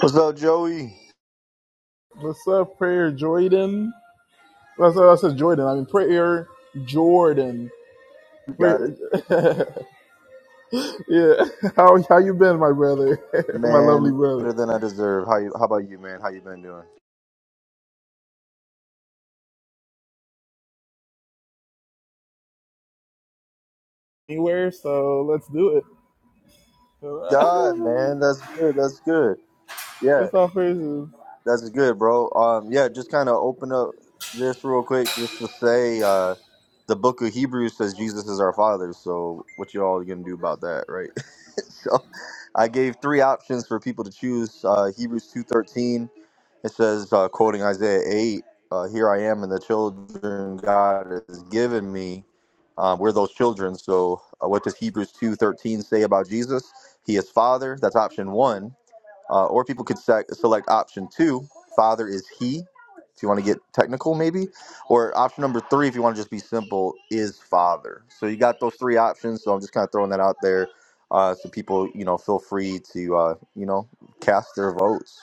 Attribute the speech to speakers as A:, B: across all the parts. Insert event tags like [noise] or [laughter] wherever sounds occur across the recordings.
A: What's up, Joey?
B: What's up, Prayer Jordan? That's what I said Jordan. I mean Prayer Jordan.
A: You Got it,
B: Prayer, [laughs] yeah. How how you been, my brother? [laughs] my lovely
A: man.
B: brother.
A: Better than I deserve. How you? How about you, man? How you been doing?
B: Anywhere, so let's do it.
A: God,
B: [laughs]
A: man, that's good. That's good. Yeah,
B: That's all praises.
A: that's good, bro. Um, yeah, just kind of open up this real quick, just to say, uh, the Book of Hebrews says Jesus is our Father. So, what you all gonna do about that, right? [laughs] so, I gave three options for people to choose: uh, Hebrews two thirteen. It says, uh, quoting Isaiah 8, uh, Here I am, and the children God has given me. Um, we're those children. So, uh, what does Hebrews 2.13 say about Jesus? He is Father. That's option one. Uh, or people could sec- select option two Father is He, if you want to get technical, maybe. Or option number three, if you want to just be simple, is Father. So, you got those three options. So, I'm just kind of throwing that out there. Uh, so people, you know, feel free to, uh, you know, cast their votes.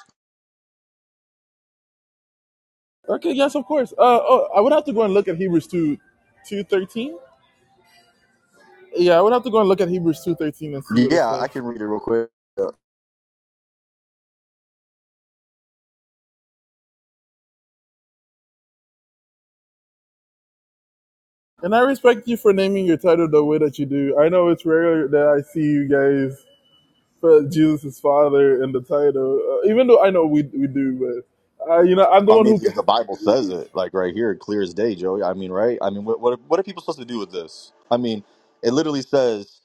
B: Okay, yes, of course. Uh, oh, I would have to go and look at Hebrews two, two thirteen. Yeah, I would have to go and look at Hebrews two thirteen and see what it
A: Yeah,
B: says.
A: I can read it real quick. Uh,
B: And I respect you for naming your title the way that you do. I know it's rare that I see you guys for Jesus' father in the title. Uh, even though I know we we do, but uh, you know I'm the
A: I
B: one
A: mean,
B: who
A: just the Bible says it, like right here, clear as day, Joey. I mean, right? I mean, what, what, are, what are people supposed to do with this? I mean, it literally says,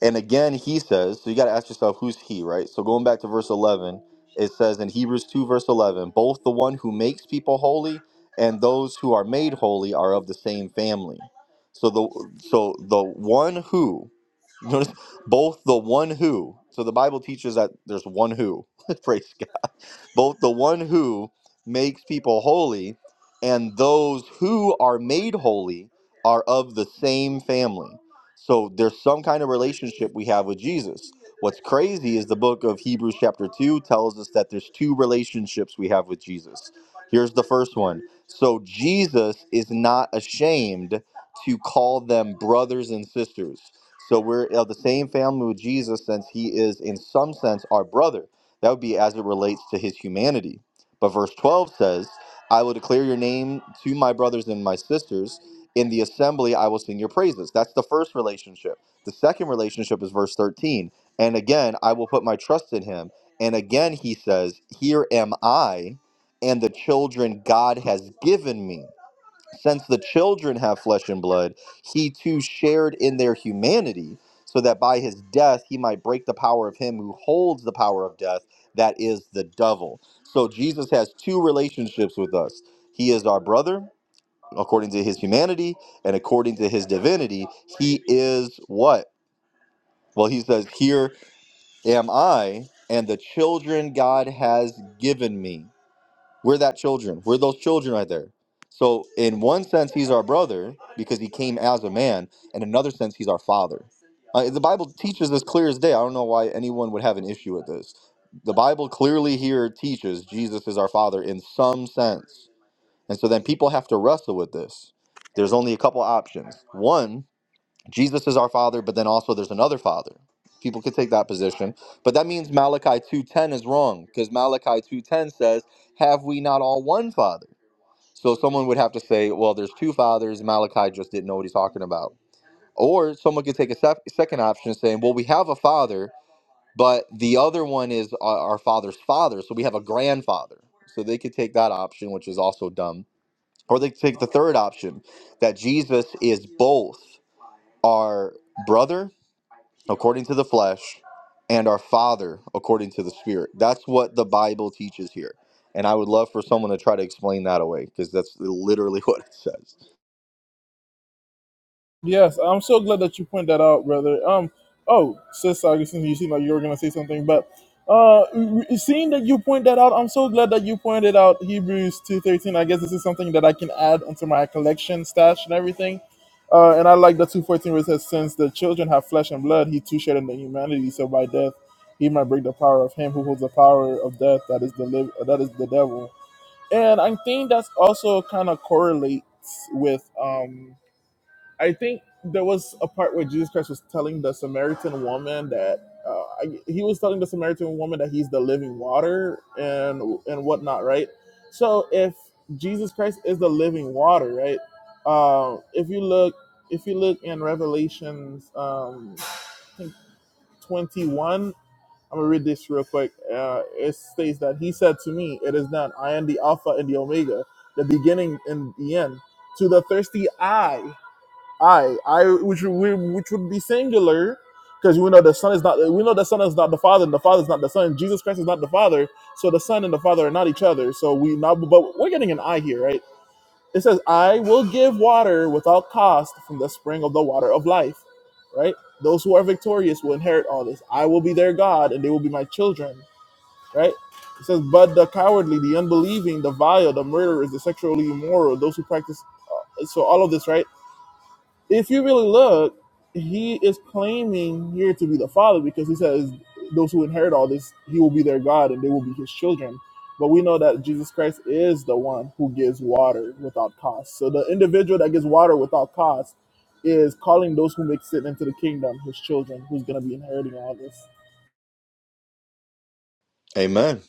A: and again, he says, so you got to ask yourself, who's he, right? So going back to verse 11, it says in Hebrews 2, verse 11, both the one who makes people holy and those who are made holy are of the same family. So the so the one who [laughs] notice both the one who so the Bible teaches that there's one who [laughs] praise both the one who makes people holy and those who are made holy are of the same family. So there's some kind of relationship we have with Jesus. What's crazy is the book of Hebrews, chapter 2, tells us that there's two relationships we have with Jesus. Here's the first one. So Jesus is not ashamed to call them brothers and sisters. So we're of the same family with Jesus since he is, in some sense, our brother that would be as it relates to his humanity. But verse 12 says, I will declare your name to my brothers and my sisters. In the assembly, I will sing your praises. That's the first relationship. The second relationship is verse 13. And again, I will put my trust in him. And again, he says, Here am I and the children God has given me. Since the children have flesh and blood, he too shared in their humanity, so that by his death he might break the power of him who holds the power of death, that is the devil. So Jesus has two relationships with us. He is our brother according to his humanity, and according to his divinity, he is what? Well, he says, Here am I, and the children God has given me. We're that children. We're those children right there. So, in one sense, he's our brother because he came as a man. In another sense, he's our father. Uh, the Bible teaches this clear as day. I don't know why anyone would have an issue with this. The Bible clearly here teaches Jesus is our father in some sense. And so then people have to wrestle with this. There's only a couple options. One, Jesus is our father, but then also there's another father. People could take that position, but that means Malachi 2:10 is wrong because Malachi 2:10 says, "Have we not all one father?" So someone would have to say, "Well, there's two fathers. Malachi just didn't know what he's talking about." Or someone could take a sec- second option saying, "Well, we have a father, but the other one is our, our father's father, so we have a grandfather." So they could take that option, which is also dumb. Or they could take the third option that Jesus is both our brother according to the flesh and our father according to the spirit that's what the bible teaches here and i would love for someone to try to explain that away because that's literally [laughs] what it says
B: Yes, I'm so glad that you point that out, brother. Um, oh, Sis Augustine, you seem like you were gonna say something, but uh, re- seeing that you point that out, I'm so glad that you pointed out Hebrews two thirteen. I guess this is something that I can add onto my collection stash and everything. Uh, and I like the two fourteen where it says, "Since the children have flesh and blood, he too shared in the humanity. So by death, he might break the power of him who holds the power of death. That is the live. That is the devil." And I think that's also kind of correlates with um I think there was a part where Jesus Christ was telling the Samaritan woman that uh, I, he was telling the Samaritan woman that he's the living water and and whatnot, right? So if Jesus Christ is the living water, right? Uh, if you look, if you look in Revelations, um, I think twenty one. I'm gonna read this real quick. Uh, it states that he said to me, "It is done. I am the Alpha and the Omega, the beginning and the end." To the thirsty eye, I, I, which we, which would be singular, because we know the son is not. We know the son is not the father, and the father is not the son. Jesus Christ is not the father, so the son and the father are not each other. So we now, but we're getting an I here, right? It says, "I will give water without cost from the spring of the water of life." Right? Those who are victorious will inherit all this. I will be their God, and they will be my children. Right? It says, "But the cowardly, the unbelieving, the vile, the murderers, the sexually immoral, those who practice." So all of this, right? if you really look, he is claiming here to be the father because he says those who inherit all this, he will be their God and they will be his children. But we know that Jesus Christ is the one who gives water without cost. So the individual that gives water without cost is calling those who make sin into the kingdom his children, who's going to be inheriting all this.
A: amen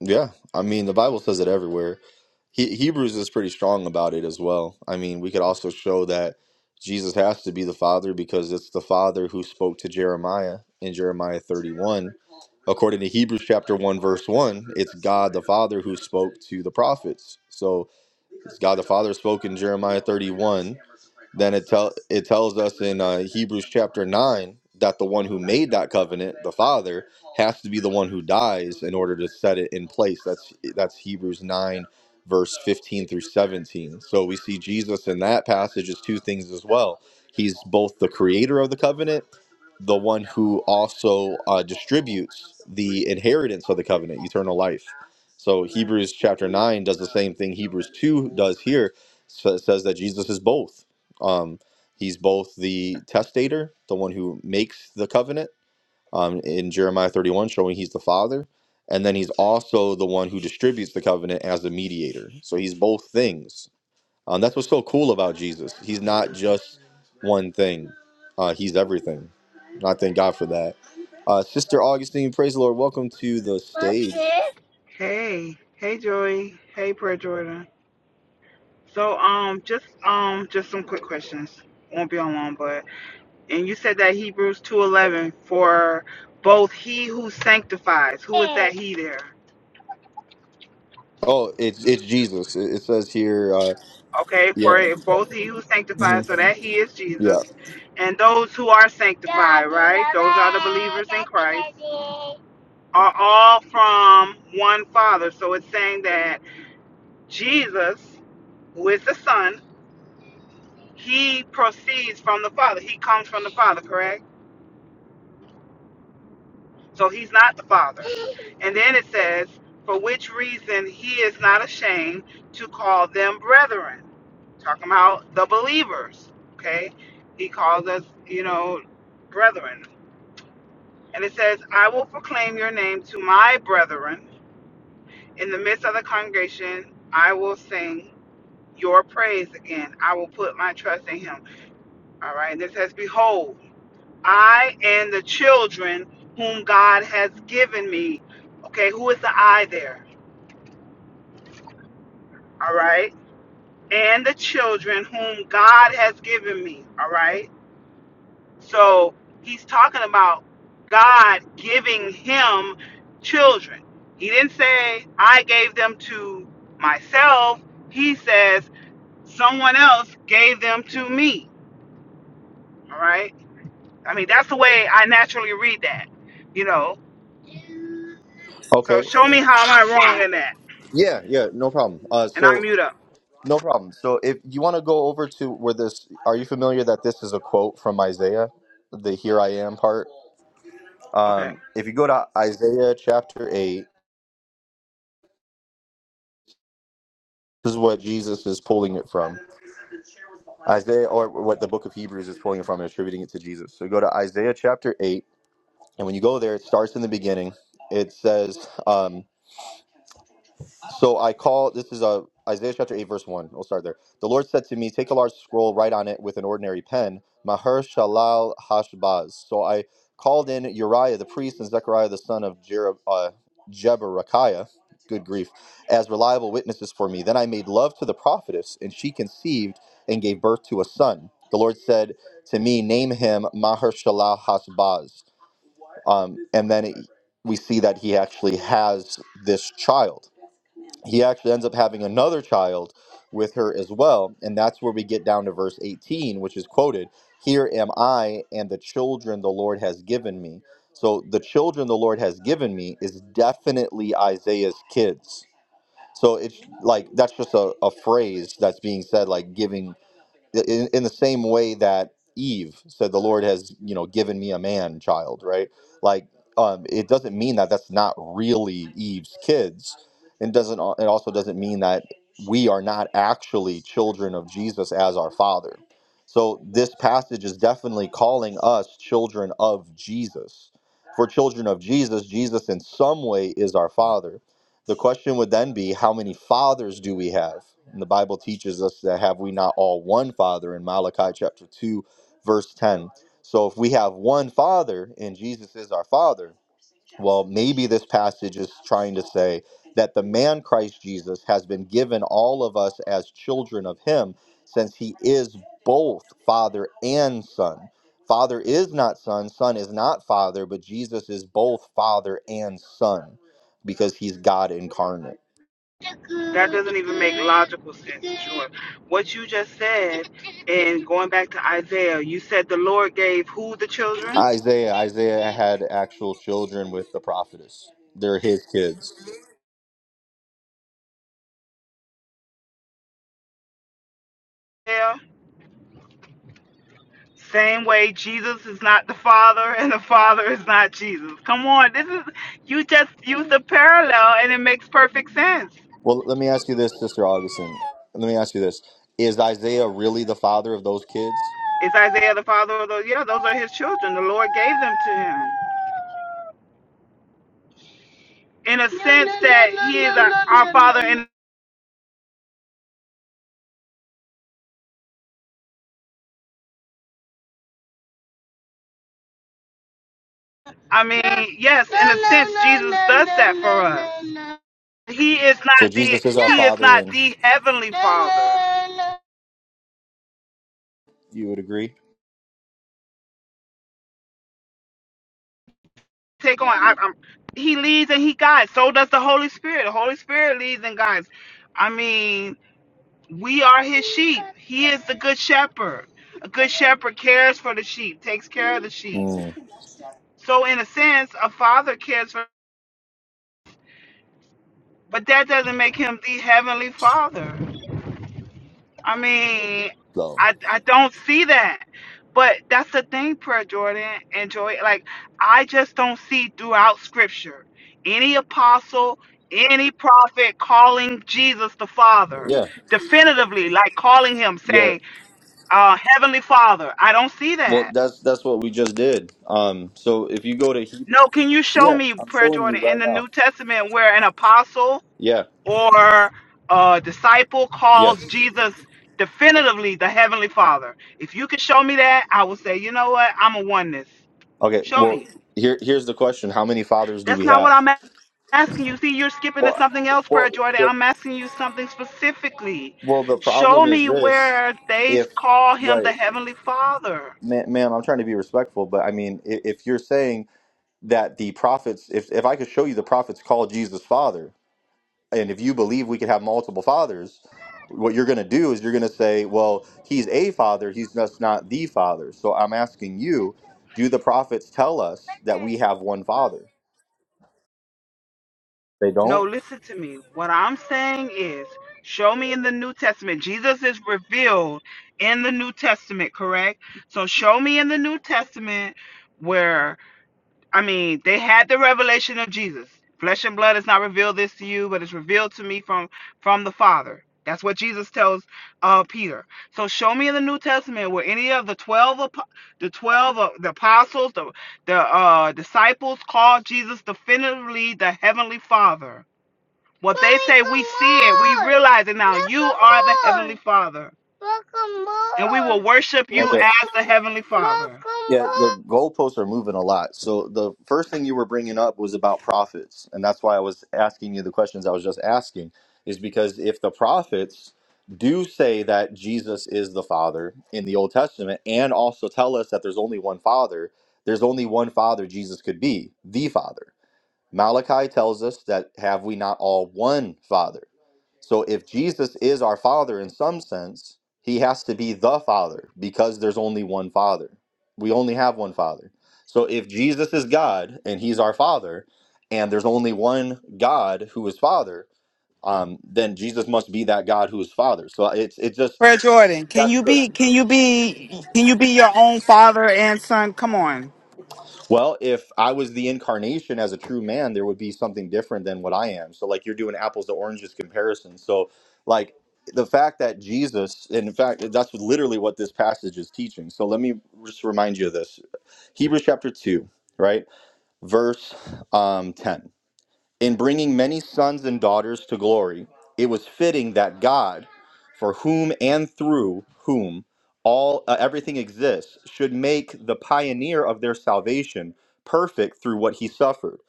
A: yeah i mean the bible says it everywhere he- hebrews is pretty strong about it as well i mean we could also show that jesus has to be the father because it's the father who spoke to jeremiah in jeremiah 31 according to hebrews chapter 1 verse 1 it's god the father who spoke to the prophets so God the Father spoke in Jeremiah 31. Then it tell it tells us in uh, Hebrews chapter nine that the one who made that covenant, the Father, has to be the one who dies in order to set it in place. That's that's Hebrews nine, verse fifteen through seventeen. So we see Jesus in that passage as two things as well. He's both the creator of the covenant, the one who also uh, distributes the inheritance of the covenant, eternal life. So Hebrews chapter 9 does the same thing Hebrews 2 does here. So it says that Jesus is both. Um, he's both the testator, the one who makes the covenant um, in Jeremiah 31, showing he's the father. And then he's also the one who distributes the covenant as the mediator. So he's both things. Um, that's what's so cool about Jesus. He's not just one thing, uh, he's everything. And I thank God for that. Uh, Sister Augustine, praise the Lord. Welcome to the stage.
C: Hey, hey Joy, hey Prayer Jordan. So um just um just some quick questions. Won't be on long, but and you said that Hebrews 2:11 for both he who sanctifies. Who is that he there?
A: Oh, it's it's Jesus. It, it says here. Uh,
C: Okay,
A: yeah.
C: for both he who
A: hmm
C: sanctifies, so that he is
A: Yeah.
C: Jesus, and those who are sanctified, right? Those are the believers in Christ. Are all from one Father. So it's saying that Jesus, who is the Son, he proceeds from the Father. He comes from the Father, correct? So he's not the Father. And then it says, for which reason he is not ashamed to call them brethren. Talking about the believers, okay? He calls us, you know, brethren. And it says, I will proclaim your name to my brethren. In the midst of the congregation, I will sing your praise again. I will put my trust in him. All right. And it says, Behold, I and the children whom God has given me. Okay, who is the I there? All right. And the children whom God has given me. All right. So he's talking about God giving him children. He didn't say, I gave them to myself. He says, someone else gave them to me. All right. I mean, that's the way I naturally read that, you know. So
A: Okay.
C: show me how am I wrong in that?
A: Yeah. Yeah. No problem. Uh,
C: And I
A: so
C: mute up.
A: no problem. So if you want to go over to where this, are you familiar that this is a quote from Isaiah, the "Here I am" part?
C: Okay.
A: Um, if you go to Isaiah chapter eight, this is what Jesus is pulling it from. Isaiah, or what the book of Hebrews is pulling it from and attributing it to Jesus. So go to Isaiah chapter eight, and when you go there, it starts in the beginning. It says. um, So I call, this is uh Isaiah chapter 8, verse 1. We'll start there. The Lord said to me, Take a large scroll, write on it with an ordinary pen, Maher Shalal Hashbaz. So I called in Uriah the priest and Zechariah the son of Jer- uh, Jeberechiah, good grief, as reliable witnesses for me. Then I made love to the prophetess, and she conceived and gave birth to a son. The Lord said to me, Name him Maher Shalal Hashbaz. Um, and then it, we see that he actually has this child he actually ends up having another child with her as well. And that's where we get down to verse 18, which is quoted Here am I and the children the Lord has given me. So the children the Lord has given me is definitely Isaiah's kids. So it's like that's just a, a phrase that's being said, like giving in, in the same way that Eve said, "The Lord has, you know, given me a man child." Right? Like, um, it doesn't mean that that's not really Eve's kids, and doesn't al- it also doesn't mean that we are not actually children of Jesus as our Father. So this passage is definitely calling us children of Jesus. For children of Jesus, Jesus in some way is our Father the question would then be how many fathers do we have? And the Bible teaches us that have we not all one father in Malachi chapter 2, verse 10. So if we have one father and Jesus is our father, well, maybe this passage is trying to say that the man Christ Jesus has been given all of us as children of him, since he is both Father and Son. Father is not Son, Son is not Father, but Jesus is both Father and Son because he's God incarnate.
C: That doesn't even make logical sense, Sure. What you just said, and going back to Isaiah, you said the Lord gave who the children?
A: Isaiah, Isaiah had actual children with the prophetess. They're his kids.
C: Yeah. Same way Jesus is not the Father and the Father is not Jesus. Come on, this is you just used a parallel and it makes perfect sense.
A: Well, let me ask you this, Sister Augustine. Let me ask you this. Is Isaiah really the father of those kids?
C: Is Isaiah the father of those? Yeah, those are his children. The Lord gave them to him. In a sense that he is our, our father in I mean, yes, in a sense, Jesus does that for us. He is
A: So
C: not the
A: Jesus is our
C: He is
A: Father,
C: not
A: and
C: the heavenly Father.
A: you would agree.
C: Take on. I, I'm, he leads and he guides. So does the Holy Spirit. The Holy Spirit leads and guides. I mean, we are his sheep. He is the good shepherd. A good shepherd cares for the sheep, takes care of the sheep.
A: Mm.
C: So in a sense, a father cares for but that doesn't make him the heavenly father. I mean,
A: So
C: I I don't see that. But that's the thing, Prayer Jordan and Joy. Like, I just don't see throughout Scripture any apostle, any prophet calling Jesus the Father
A: yeah,
C: definitively, like calling him,
A: yeah.
C: saying, uh, "Heavenly Father." I don't see
A: Well,
C: that.
A: that's that's what we just did. Um. So if you go to Hebrew,
C: No, can you show
A: yeah,
C: me,
A: I'm
C: Prayer
A: showing you
C: Jordan, in
A: right
C: the
A: now.
C: New Testament where an apostle?
A: Yeah.
C: or a disciple
A: Yes.
C: calls Jesus definitively the Heavenly Father. If you can show me that, I will say, you know what? I'm a oneness.
A: Okay.
C: Show
A: Well,
C: me.
A: here here's the question: How many fathers do
C: That's
A: we
C: not what
A: have?
C: I'm a- asking you. See, you're skipping to
A: Well,
C: something else, Prayer
A: well,
C: Jordan.
A: the
C: I'm asking you something specifically.
A: well the
C: Show
A: problem is
C: me
A: this:
C: where they
A: if
C: call him the
A: right,
C: Heavenly Father.
A: man, ma'am, I'm trying to be respectful, but I mean, if, if you're saying that the prophets, if if I could show you the prophets call Jesus Father, and if you believe we could have multiple fathers what you're going to do is you're going to say well he's a father he's just not the father so i'm asking you do the prophets tell us that we have one father they
C: No,
A: don't
C: listen to me. What I'm saying is, show me in the New Testament. Jesus is revealed in the New Testament, correct? So show me in the New Testament where, I mean, they had the revelation of Jesus. Flesh and blood has not revealed this to you, but it's revealed to me from from the Father. That's what Jesus tells uh, Peter. So show me in the New Testament where any of the twelve, apo- the twelve, uh, the apostles, the the uh, disciples called Jesus definitively the heavenly Father what they say, we see it. We realize it now. You are the Heavenly Father. And we will worship you
A: Okay.
C: as the Heavenly Father.
A: Yeah, the goalposts are moving a lot. So the first thing you were bringing up was about prophets, and that's why I was asking you the questions I was just asking. Is because if the prophets do say that Jesus is the Father in the Old Testament, and also tell us that there's only one Father, there's only one Father Jesus could be, the Father. Malachi tells us that have we not all one Father? So if Jesus is our Father in some sense, he has to be the Father because there's only one Father. We only have one Father. So if Jesus is God and he's our Father, and there's only one God who is Father, um, then Jesus must be that God who is Father. So it's it just
C: Prayer Jordan, can
A: that's
C: you
A: the
C: be can you be can you be your own father and son? Come on.
A: Well, if I was the incarnation as a true man, there would be something different than what I am. So, like, you're doing apples to oranges comparison. So, like, the fact that Jesus, and in fact, that's literally what this passage is teaching. So, let me just remind you of this Hebrews chapter 2, right? Verse um, 10. In bringing many sons and daughters to glory, it was fitting that God, for whom and through whom all uh, everything exists, should make the pioneer of their salvation perfect through what he suffered,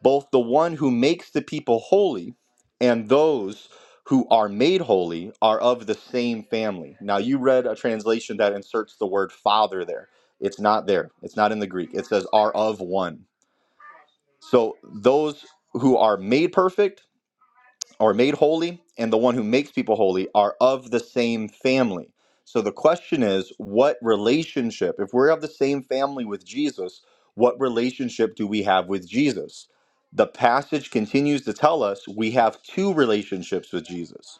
A: both the one who makes the people holy and those who are made holy are of the same family. Now you read a translation that inserts the word father there. It's not there. It's not in the Greek. It says are of one. So those who are made perfect or made holy, and the one who makes people holy are of the same family. So the question is, what relationship, if we're of the same family with Jesus, what relationship do we have with Jesus? The passage continues to tell us we have two relationships with Jesus.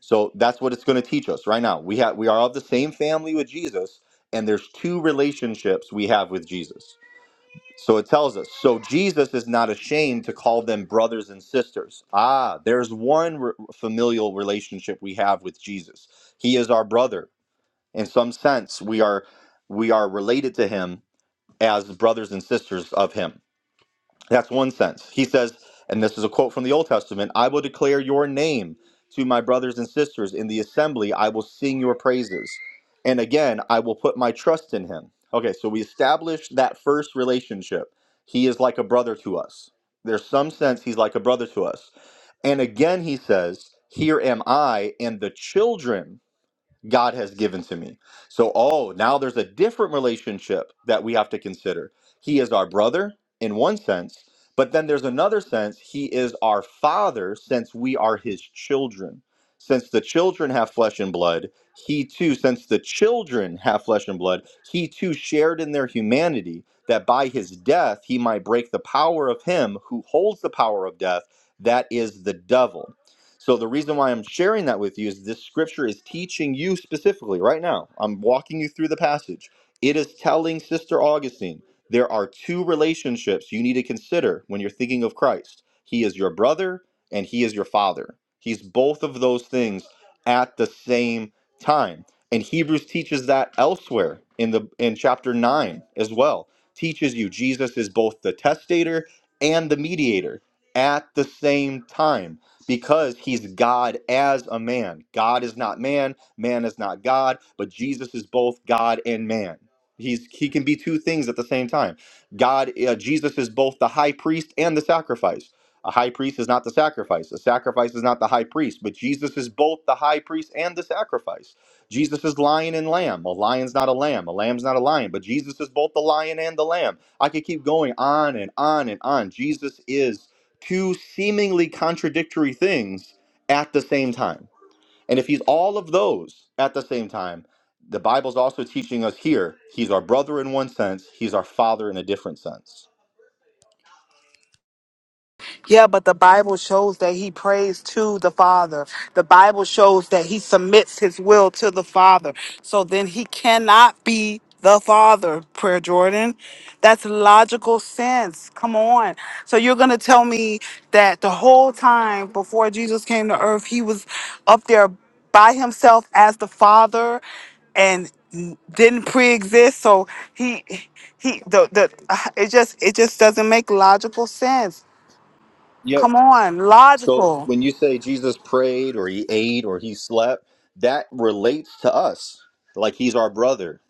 A: So that's what it's going to teach us right now. We have we are of the same family with Jesus, and there's two relationships we have with Jesus. So it tells us. So Jesus is not ashamed to call them brothers and sisters. Ah, there's one re- familial relationship we have with Jesus. He is our brother. In some sense, we are we are related to him as brothers and sisters of him. That's one sense. He says, and this is a quote from the Old Testament I will declare your name to my brothers and sisters in the assembly. I will sing your praises. And again, I will put my trust in him. Okay, so we established that first relationship. He is like a brother to us. There's some sense he's like a brother to us. And again, he says, Here am I and the children God has given to me. So, oh, now there's a different relationship that we have to consider. He is our brother in one sense, but then there's another sense, he is our father since we are his children. Since the children have flesh and blood, he too, since the children have flesh and blood, he too shared in their humanity that by his death he might break the power of him who holds the power of death, that is the devil. So the reason why I'm sharing that with you is this scripture is teaching you specifically right now. I'm walking you through the passage. It is telling Sister Augustine there are two relationships you need to consider when you're thinking of Christ. He is your brother and he is your father. He's both of those things at the same time. And Hebrews teaches that elsewhere in the in chapter 9 as well. Teaches you Jesus is both the testator and the mediator at the same time because he's God as a man. God is not man, man is not God, but Jesus is both God and man. He's he can be two things at the same time. God uh, Jesus is both the high priest and the sacrifice. A high priest is not the sacrifice. A sacrifice is not the high priest, but Jesus is both the high priest and the sacrifice. Jesus is lion and lamb. A lion's not a lamb. A lamb's not a lion, but Jesus is both the lion and the lamb. I could keep going on and on and on. Jesus is two seemingly contradictory things at the same time. And if he's all of those at the same time, the Bible's also teaching us here he's our brother in one sense, he's our father in a different sense.
C: Yeah, but the Bible shows that he prays to the Father. The Bible shows that he submits his will to the Father. So then he cannot be the Father, Prayer Jordan. That's logical sense. Come on. So you're going to tell me that the whole time before Jesus came to earth, he was up there by himself as the Father and didn't pre-exist so he he the the [sighs] it just it just doesn't make logical sense
A: Yeah,
C: Come on,
A: So
C: logical.
A: when you say Jesus prayed or he ate or he slept, that relates to us. Like he's our brother.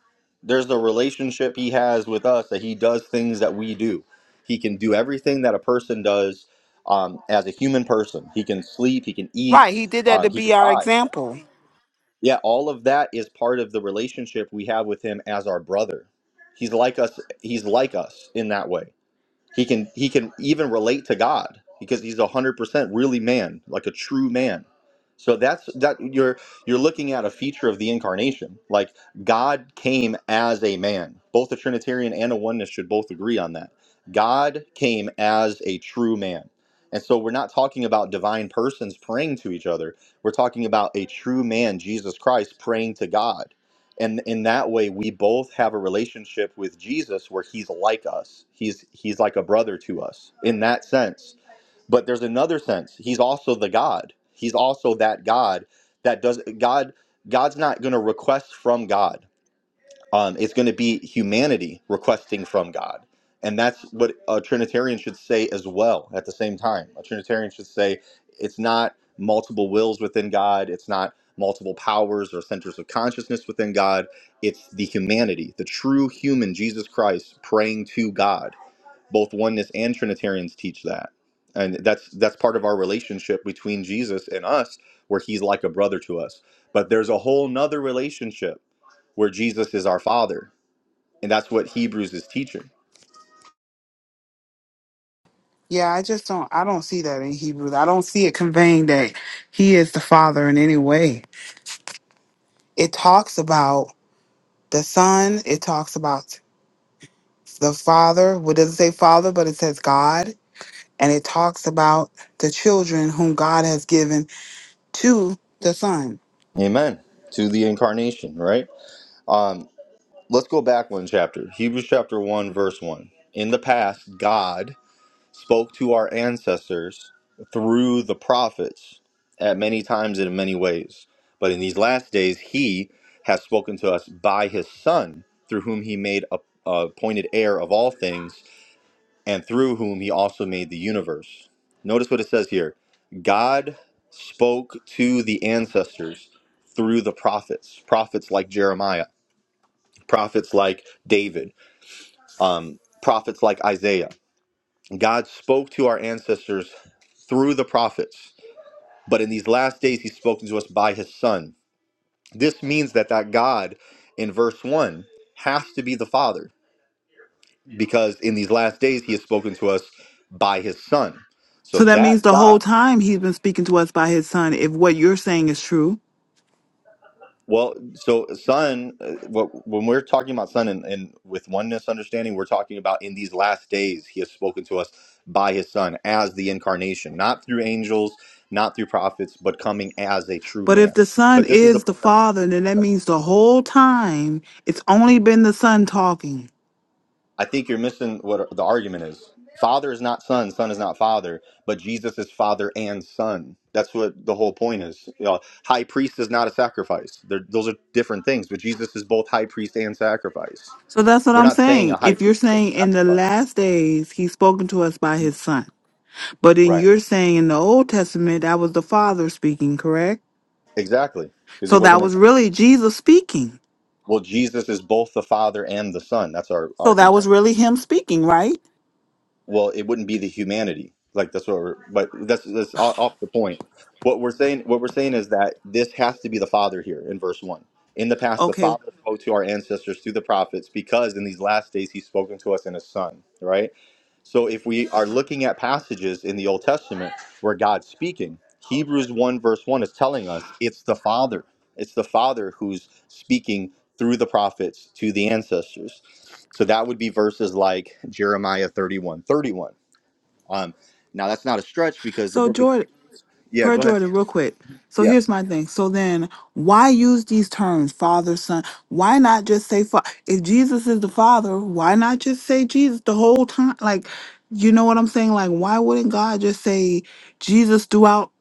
A: There's a relationship he has with us that he does things that we do. He can do everything that a person does um, as a human person. He can sleep, he can eat,
C: Right, he did that to
A: um, he can
C: be our
A: die.
C: example.
A: Yeah, all of that is part of the relationship we have with him as our brother. He's like us. He's like us in that way. He can he can even relate to God because he's a hundred percent really man, like a true man. So that's that you're you're looking at a feature of the incarnation. Like God came as a man. Both a Trinitarian and a oneness should both agree on that. God came as a true man. And so we're not talking about divine persons praying to each other. We're talking about a true man, Jesus Christ, praying to God and in that way we both have a relationship with jesus where he's like us he's he's like a brother to us in that sense but there's another sense he's also the god he's also that god that does god god's not going to request from god um, it's going to be humanity requesting from God. And that's what a Trinitarian should say as well at the same time. A Trinitarian should say it's not multiple wills within God, it's not multiple powers or centers of consciousness within God. It's the humanity, the true human Jesus Christ praying to God. Both oneness and Trinitarians teach that. And that's that's part of our relationship between Jesus and us, where he's like a brother to us. But there's a whole nother relationship where Jesus is our father and that's what Hebrews is teaching.
C: Yeah, I just don't I don't see that in Hebrews. I don't see it conveying that he is the father in any way. It talks about the son, it talks about the father. What doesn't say father, but it says God. And it talks about the children whom God has given to the son.
A: Amen. To the incarnation, right? Um, let's go back one chapter. Hebrews chapter 1, verse 1. In the past, God spoke to our ancestors through the prophets at many times and in many ways. But in these last days, He has spoken to us by His Son, through whom He made a a appointed heir of all things and through whom he also made the universe. Notice what it says here God spoke to the ancestors through the prophets, prophets like Jeremiah, prophets like David, um, prophets like Isaiah. God spoke to our ancestors through the prophets, but in these last days, he's spoken to us by his son. This means that that God in verse 1 has to be the Father because in these last days, he has spoken to us by his son. So
C: So that
A: that
C: means the
A: God.
C: whole time he's been speaking to us by his son, if what you're saying is true.
A: Well, so sun, uh, what- when we're talking about sun and, and with oneness understanding, we're talking about in these last days, he has spoken to us by his son as the incarnation, not through angels, not through prophets, but coming as a true
C: But if
A: man.
C: the son
A: But this is the
C: is the
A: point. I'm-
C: father, then that means the whole time it's only been the son talking.
A: I think you're missing what the argument is. Father is not son, son is not father, but Jesus is father and son. That's what the whole point is. You know, high priest is not a sacrifice. They're, those are different things, but Jesus is both high priest and sacrifice.
C: So that's what
A: We're
C: I'm
A: not saying a
C: saying.
A: high
C: If you're
A: priest is
C: saying in the
A: sacrifice.
C: last days he's spoken to us by his son, but then
A: Right.
C: you're saying in the Old Testament that was the father speaking, correct?
A: Exactly. Because he
C: So that
A: wasn't. A,
C: was really Jesus speaking.
A: well, Jesus is both the Father and the Son. That's our
C: So
A: our
C: that was
A: contention.
C: really him speaking, right?
A: Well, it wouldn't be the humanity. Like that's what we're. But that's that's o- off the point. What we're saying. What we're saying is that this has to be the Father here in verse one. In the past, the
C: Okay.
A: Father spoke to our ancestors through the prophets, because in these last days He's spoken to us in His Son. Right. So if we are looking at passages in the Old Testament where God's speaking, Hebrews 1 verse 1 is telling us it's the Father. It's the Father who's speaking through the prophets to the ancestors. So that would be verses like Jeremiah 31, 31. Um, now that's not a stretch because the
C: So
A: book of
C: Jordan,
A: Yeah,
C: Per
A: go ahead.
C: Jordan, real quick. So
A: Yeah.
C: here's my thing. So then, why use these terms, Father, Son? Why not just say, fa- if Jesus is the Father, why not just say Jesus the whole time? Like, you know what I'm saying? Like, why wouldn't God just say Jesus throughout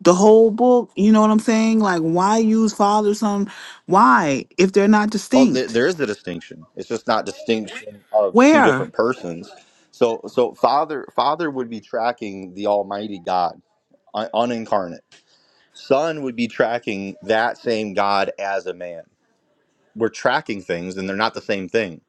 C: the whole book? You know what I'm saying? Like, why use Father, Son? Why, if they're not
A: Oh, there,
C: distinct?
A: there is a distinction. It's just not distinction of two
C: Where?
A: different persons. So so Father Father would be tracking the Almighty God un- unincarnate. Son would be tracking that same God as a man. We're tracking things, and they're not the same thing.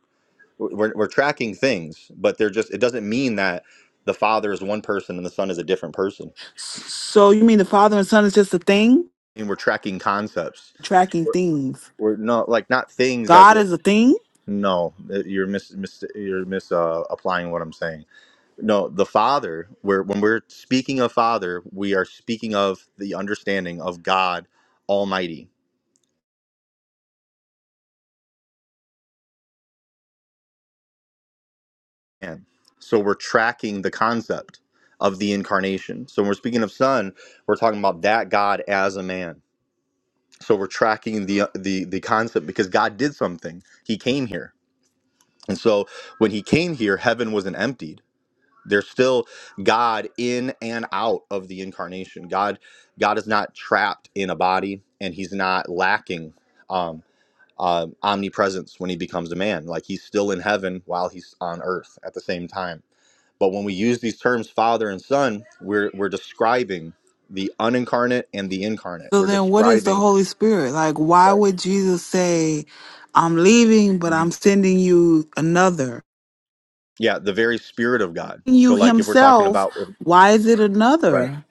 A: We're, we're tracking things, but they're just, it doesn't mean that the Father is one person and the Son is a different person.
C: S- So you mean the Father and Son is just a thing?
A: And we're tracking concepts.
C: Tracking
A: We're,
C: things.
A: we're not like not things as
C: God
A: if,
C: is a thing?
A: no, you're mis, mis you're mis uh, applying what I'm saying. No, the Father, we're, when we're speaking of Father, we are speaking of the understanding of God Almighty man. So we're tracking the concept of the incarnation. So when we're speaking of son, we're talking about that God as a man. So we're tracking the uh, the the concept because God did something. He came here. And so when he came here, heaven wasn't emptied. There's still God in and out of the incarnation. God God is not trapped in a body and he's not lacking um uh, omnipresence when he becomes a man. Like he's still in heaven while he's on earth at the same time but when we use these terms father and son, we're we're describing the unincarnate and the incarnate.
C: So
A: We're
C: then what is the
A: describing
C: Holy Spirit? Like why
A: right.
C: would Jesus say, I'm leaving, but
A: Mhm.
C: I'm sending you another?
A: yeah, the very spirit of God.
C: You
A: So like if we're talking
C: himself,
A: about if-
C: why is it
A: right.
C: another?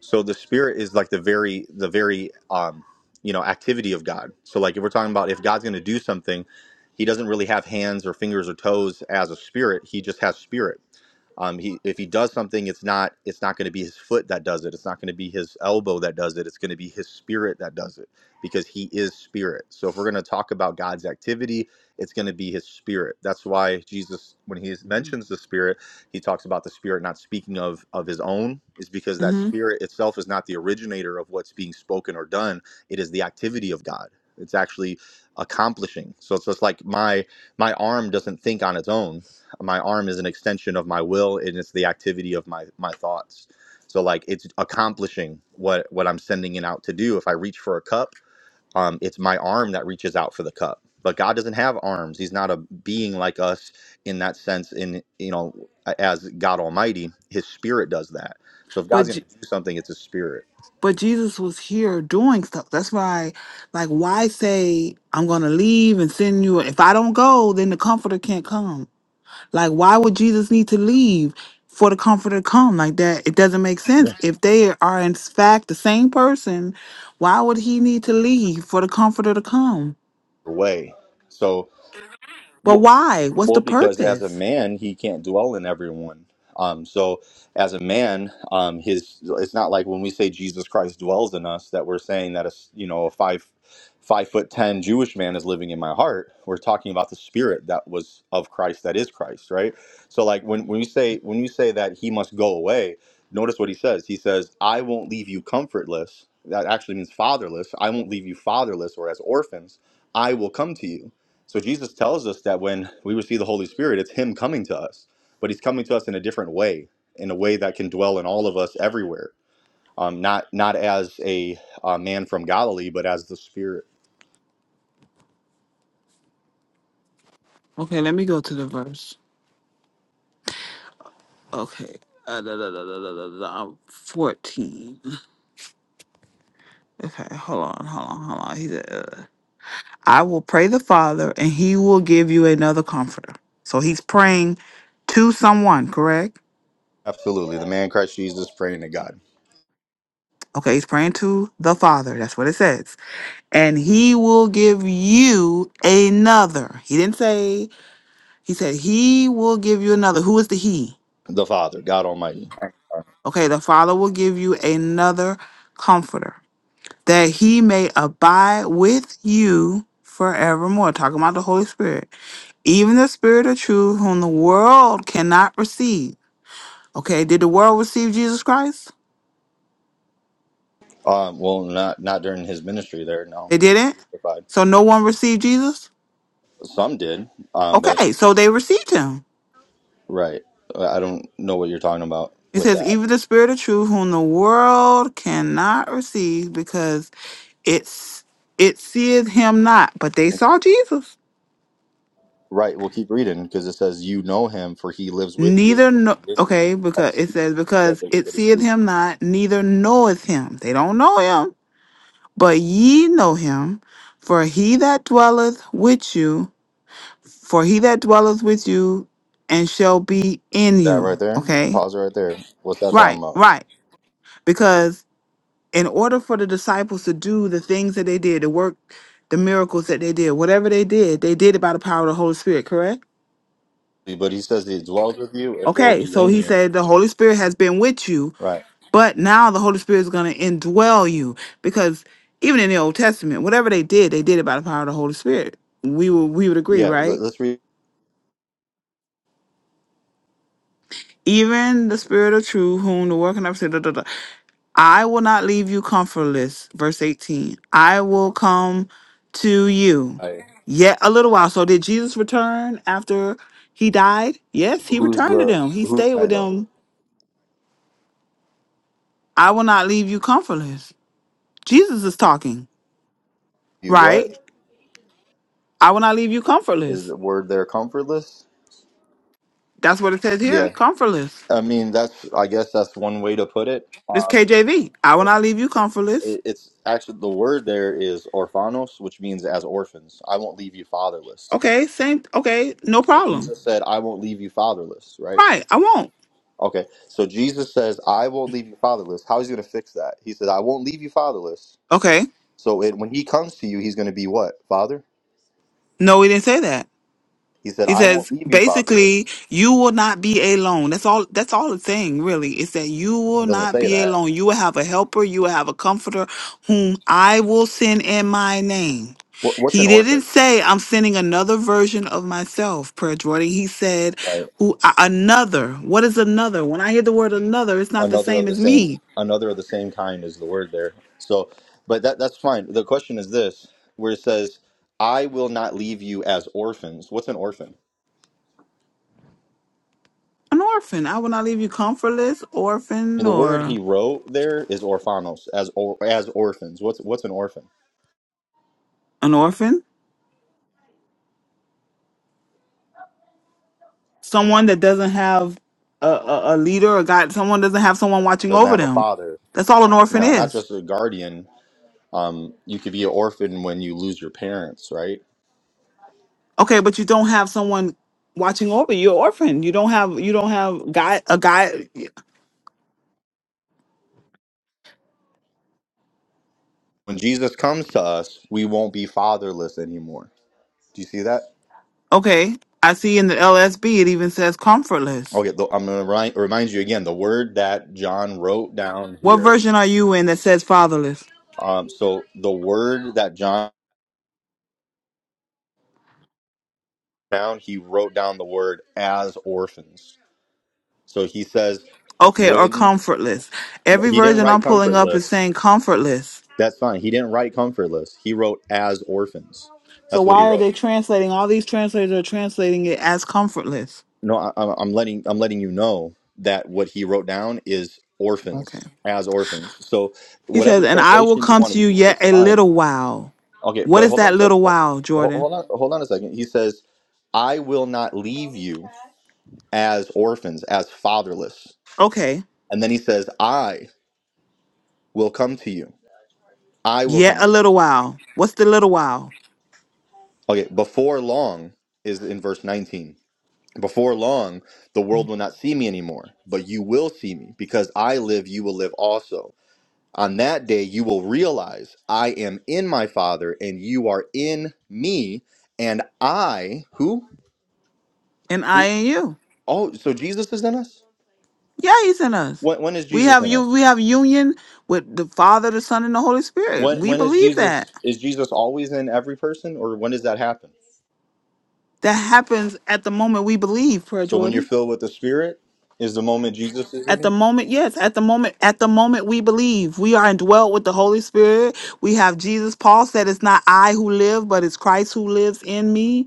A: So the spirit is like the very the very um you know activity of God. So like if we're talking about if God's going to do something, he doesn't really have hands or fingers or toes as a spirit. He just has spirit. Um, he if he does something, it's not it's not going to be his foot that does it. It's not going to be his elbow that does it. It's going to be his spirit that does it because he is spirit. So if we're going to talk about God's activity, it's going to be his spirit. That's why Jesus, when he mentions the spirit, he talks about the spirit not speaking of of his own, is because that
C: hmm
A: spirit itself is not the originator of what's being spoken or done. It is the activity of God. It's actually accomplishing. So it's just like my my arm doesn't think on its own my arm is an extension of my will and it's the activity of my my thoughts so like it's accomplishing what what i'm sending it out to do if i reach for a cup um it's my arm that reaches out for the cup but god doesn't have arms he's not a being like us in that sense in you know as god almighty his spirit does that so if
C: But
A: god's going
C: J-
A: to do something it's his spirit
C: but Jesus was here doing stuff. That's why, like, why say I'm gonna leave and send you? If I don't go, then the Comforter can't come. Like, why would Jesus need to leave for the comforter to come? Like that, it doesn't make sense.
A: Yeah.
C: If they are in fact the same person, why would he need to leave for the comforter to come?
A: way so
C: But why? What's the
A: Well, because as a
C: purpose?
A: man, he can't dwell in everyone. Um, so as a man, um, his it's not like when we say Jesus Christ dwells in us that we're saying that a s- you know a five five foot ten Jewish man is living in my heart. We're talking about the spirit that was of Christ that is Christ, right? So like when when you say when you say that he must go away, notice what he says. He says, "I won't leave you comfortless." That actually means fatherless. I won't leave you fatherless or as orphans. I will come to you so Jesus tells us that when we receive the Holy Spirit, it's Him coming to us, but He's coming to us in a different way, in a way that can dwell in all of us everywhere. Um, not not as a uh, man from Galilee, but as the Spirit.
C: Okay, let me go to the verse. Okay. Uh, da, da, da, da, da, da, da, 14. Okay, hold on, hold on, hold on. He said, uh, I will pray the Father, and he will give you another comforter. So he's praying to someone, correct?
A: Absolutely, the man Christ Jesus praying to God,
C: Okay, he's praying to the Father. That's what it says. and he will give you another. He didn't say, he said, he will give you another. Who is the he?
A: the Father, God Almighty.
C: Okay, the Father will give you another comforter that he may abide with you forevermore. Talking about the Holy Spirit. Even the Spirit of truth, whom the world cannot receive. Okay, did the world receive Jesus Christ?
A: Um, well, not not during His ministry there. No,
C: They
A: He was
C: didn't.
A: crucified.
C: So no one received Jesus?
A: Some did, um, but
C: Okay, so they received him.
A: right. I I don't know what you're talking about
C: It
A: with
C: says,
A: that.
C: even the spirit of truth, whom the world cannot receive, because it's it seeth him not, but they saw Jesus.
A: Right. We'll keep reading because it says, "You know him, for he lives with you and
C: Neither
A: will
C: no
A: be in you."
C: okay, because
A: That's
C: it
A: Jesus
C: says,
A: that
C: because
A: they
C: it
A: that he
C: seeth
A: speaks.
C: him not, neither knoweth him. They don't know him, but ye know him, for he that dwelleth with you, for he that dwelleth with you and shall be in
A: See that right
C: you.
A: there?
C: Okay?
A: Pause it right there. What's that talking
C: Right,
A: about?
C: right. Because in order for the disciples to do the things that they did, the work, the miracles that they did, whatever they did, they did it by the power of the Holy Spirit, correct?
A: But he says he dwells with you and will
C: Okay,
A: be
C: so
A: in
C: he
A: you.
C: said the Holy Spirit has been with you,
A: Right.
C: but now the Holy Spirit is going to indwell you because even in the Old Testament, whatever they did, they did it by the power of the Holy Spirit. We would we would agree,
A: Yeah. Let,
C: right?
A: us read.
C: Even the Spirit of Truth, whom the working of I will not leave you comfortless. Verse 18. I will come to you
A: Right.
C: yet a little while. So did Jesus return after he died? Yes, he
A: Who's
C: returned to
A: the
C: them. He
A: who?
C: stayed
A: I
C: with
A: though.
C: them. I will not leave you comfortless. Jesus is talking,
A: You what
C: right? I will not leave you
A: is
C: comfortless.
A: the word there? Comfortless.
C: That's what it says here,
A: Yeah.
C: comfortless.
A: I mean, that's I guess that's one way to put it.
C: This
A: Um,
C: KJV. I will not leave you comfortless.
A: it, it's actually the word there is orphanos, which means as orphans. I won't leave you fatherless
C: Okay, same okay, no problem.
A: Jesus said, I won't leave you fatherless, right?
C: Right, I won't.
A: Okay, so Jesus says, I won't leave you fatherless. How is he going to fix that? He said, I won't leave you fatherless.
C: Okay.
A: So it, when he comes to you, he's going to be what? Father?
C: No, he didn't say that.
A: He said,
C: He
A: I won't
C: says,
A: leave you fatherless.
C: basically, you will not be alone. That's all, that's all it's saying, really, is that you
A: It
C: will
A: doesn't
C: not
A: say
C: be
A: that.
C: alone. You will have a helper. You will have a comforter whom I will send in my name.
A: What, what's an
C: He didn't
A: orphan?
C: say, I'm sending another version of myself, Prayer Jordan. He said,
A: Right?
C: who a- another. What is another? When I hear the word another, it's not the
A: Another of
C: same
A: the
C: as
A: same,
C: me.
A: another of the same kind is the word there. So, but that that's fine. The question is this, where it says, I will not leave you as orphans. What's an orphan?
C: An orphan. I will not leave you comfortless, orphan,
A: The word
C: or
A: he wrote there is orphanos, as or, as orphans. What's what's an orphan?
C: an orphan. someone that doesn't have a, a, a leader or God, someone doesn't have someone watching
A: doesn't
C: over
A: have a
C: them.
A: father
C: That's all an orphan
A: not not
C: is.
A: just a guardian um, you could be an orphan when you lose your parents right
C: Okay, but you don't have someone watching over you. You're an orphan. You don't have you don't have guy a guy.
A: when jesus comes to us we won't be fatherless anymore do you see that
C: Okay, I see in the LSB it even says comfortless.
A: okay the, i'm going to remind, remind you again the word that john wrote down
C: What
A: here
C: version are you in that says fatherless?
A: um, so the word that john wrote down he wrote down the word as orphans so he says
C: Okay, or
A: when
C: comfortless. Every
A: he didn't
C: version I'm
A: write
C: pulling up is
A: comfortless
C: saying comfortless.
A: that's fine he didn't write comfortless he wrote as orphans
C: So
A: that's what he
C: why are
A: wrote
C: they translating? All these translators are translating it as comfortless.
A: No, I, I'm I'm letting I'm letting you know that what he wrote down is
C: Okay.
A: orphans as orphans. So
C: He says,
A: whatever
C: And I will
A: translation you
C: come
A: want
C: to
A: to
C: you
A: use
C: yet
A: is
C: a
A: fine.
C: little while.
A: Okay,
C: What
A: but
C: is
A: hold on
C: that
A: a second.
C: little
A: Hold,
C: while, Jordan?
A: hold on, hold on a second. He says, "I will not leave you as orphans, as fatherless."
C: Okay,
A: And then he says, "I will come to you. I will
C: yet
A: come."
C: a little while. What's the little while?
A: Okay, before long is in verse 19. Before long, the world will not see me anymore, but you will see me because I live, you will live also On that day, you will realize I am in my Father, and you are in me, and I who?
C: And I and you.
A: Oh, so Jesus is in us.
C: Yeah, he's in us.
A: When, when is
C: We
A: Jesus
C: have
A: in
C: you
A: us?
C: we have union with the Father, the Son, and the Holy Spirit.
A: When
C: We
A: when is
C: believe that.
A: Jesus? Is Jesus always in every person, or when does that happen?
C: That happens at the moment we believe, prayer
A: So when you're
C: Jordan.
A: filled with the Spirit, is the moment Jesus is in
C: At the
A: you.
C: moment, yes, at the moment, at the moment we believe. We are indwelt with the Holy Spirit. We have Jesus. Paul said it's not I who live, but it's Christ who lives in me.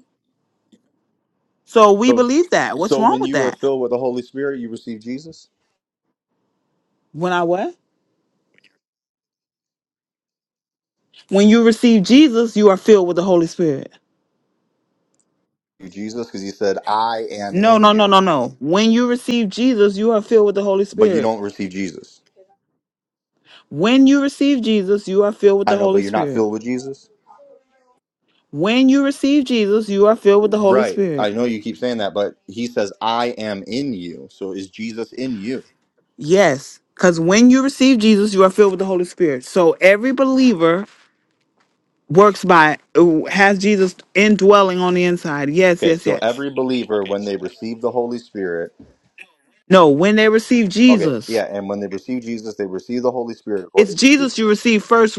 C: So we
A: So
C: believe that. What's
A: so
C: wrong
A: when
C: with
A: you are
C: that?
A: filled with the Holy Spirit, you receive Jesus.
C: When I what? When you receive Jesus, you are filled with the Holy Spirit.
A: You Jesus, because He said, "I am
C: No,
A: in
C: no, no,
A: you,"
C: no, no. When you receive Jesus, you are filled with the Holy
A: but you
C: Spirit.
A: don't receive Jesus.
C: When you receive Jesus, you are filled with
A: I
C: the
A: know,
C: Holy
A: but you're not
C: Spirit.
A: filled with Jesus.
C: When you receive Jesus, you are filled with the Holy
A: Right. I
C: Spirit.
A: know you keep saying that, but he says, I am in you. So is Jesus in you?
C: Yes, because when you receive Jesus, you are filled with the Holy Spirit. So every believer works by, has Jesus indwelling on the inside. Yes,
A: Okay,
C: yes,
A: so
C: yes.
A: every believer, when they receive the Holy Spirit,
C: No, when they receive
A: okay,
C: Jesus.
A: yeah, and when they receive Jesus, they receive the Holy Spirit
C: It's
A: according to you.
C: Jesus you receive first,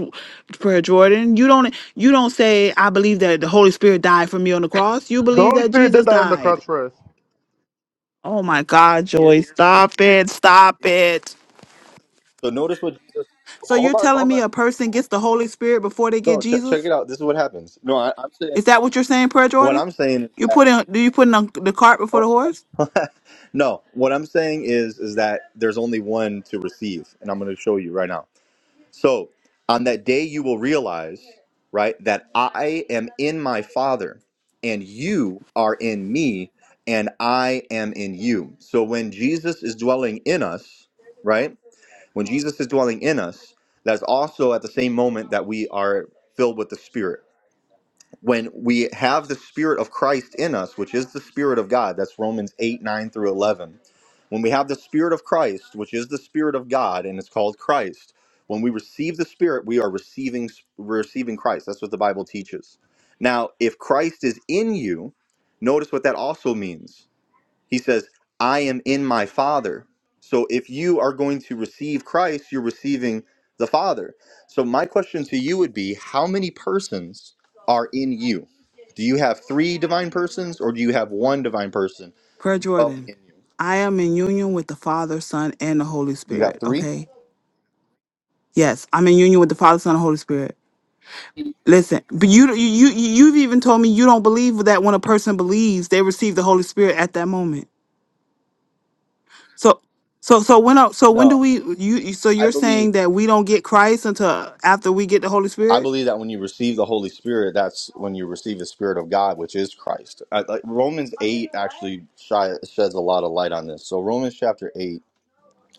C: Prayer Jordan. You don't you don't say I believe that the Holy Spirit died for me on the cross. You
B: The
C: believe
B: Holy
C: that
B: Spirit did
C: Jesus
B: die on the cross
C: died.
B: for us.
C: Oh my God, Joy! Stop it! Stop it!
A: So notice what Jesus,
C: So you're
A: hold on,
C: telling
A: hold
C: me
A: on.
C: a person gets the Holy Spirit before they get
A: No, ch- check
C: Jesus?
A: it out. This is what happens. No, I, I'm
C: Is
A: saying,
C: that what you're saying, Prayer
A: what
C: Jordan?
A: I'm saying
C: You
A: is
C: put in do you put in the cart before the horse?
A: that, [laughs] no, what I'm saying is, is that there's only one to receive, and I'm going to show you right now. So on that day, you will realize, right, that I am in my Father, and you are in me, and I am in you. So when Jesus is dwelling in us, right, when Jesus is dwelling in us, that's also at the same moment that we are filled with the Spirit when we have the spirit of christ in us which is the spirit of god that's romans 8 9 through 11 when we have the spirit of christ which is the spirit of god and it's called christ when we receive the spirit we are receiving receiving christ that's what the bible teaches now if christ is in you notice what that also means he says, I am in my Father. So if you are going to receive Christ, you're receiving the Father. So my question to you would be how many persons are in you? Do you have three divine persons or do you have one divine person
C: Prayer
A: dwelling
C: Jordan,
A: in you?
C: I am in union with the Father, Son, and the Holy
A: Do you have
C: Spirit.
A: three?
C: Okay. Yes, I'm in union with the Father, Son, and Holy Spirit. Listen, but you you you you've even told me you don't believe that when a person believes, they receive the Holy Spirit at that moment. So so so when are- so when do
A: No,
C: we you you- so
A: I
C: you're
A: believe.
C: saying that we don't get Christ until after we get the Holy
A: I
C: Spirit?
A: believe that when you receive the Holy Spirit, that's when you receive the Spirit of God, which is Christ. I, like Romans 8 actually shy, sheds a lot of light on this. So, Romans chapter 8.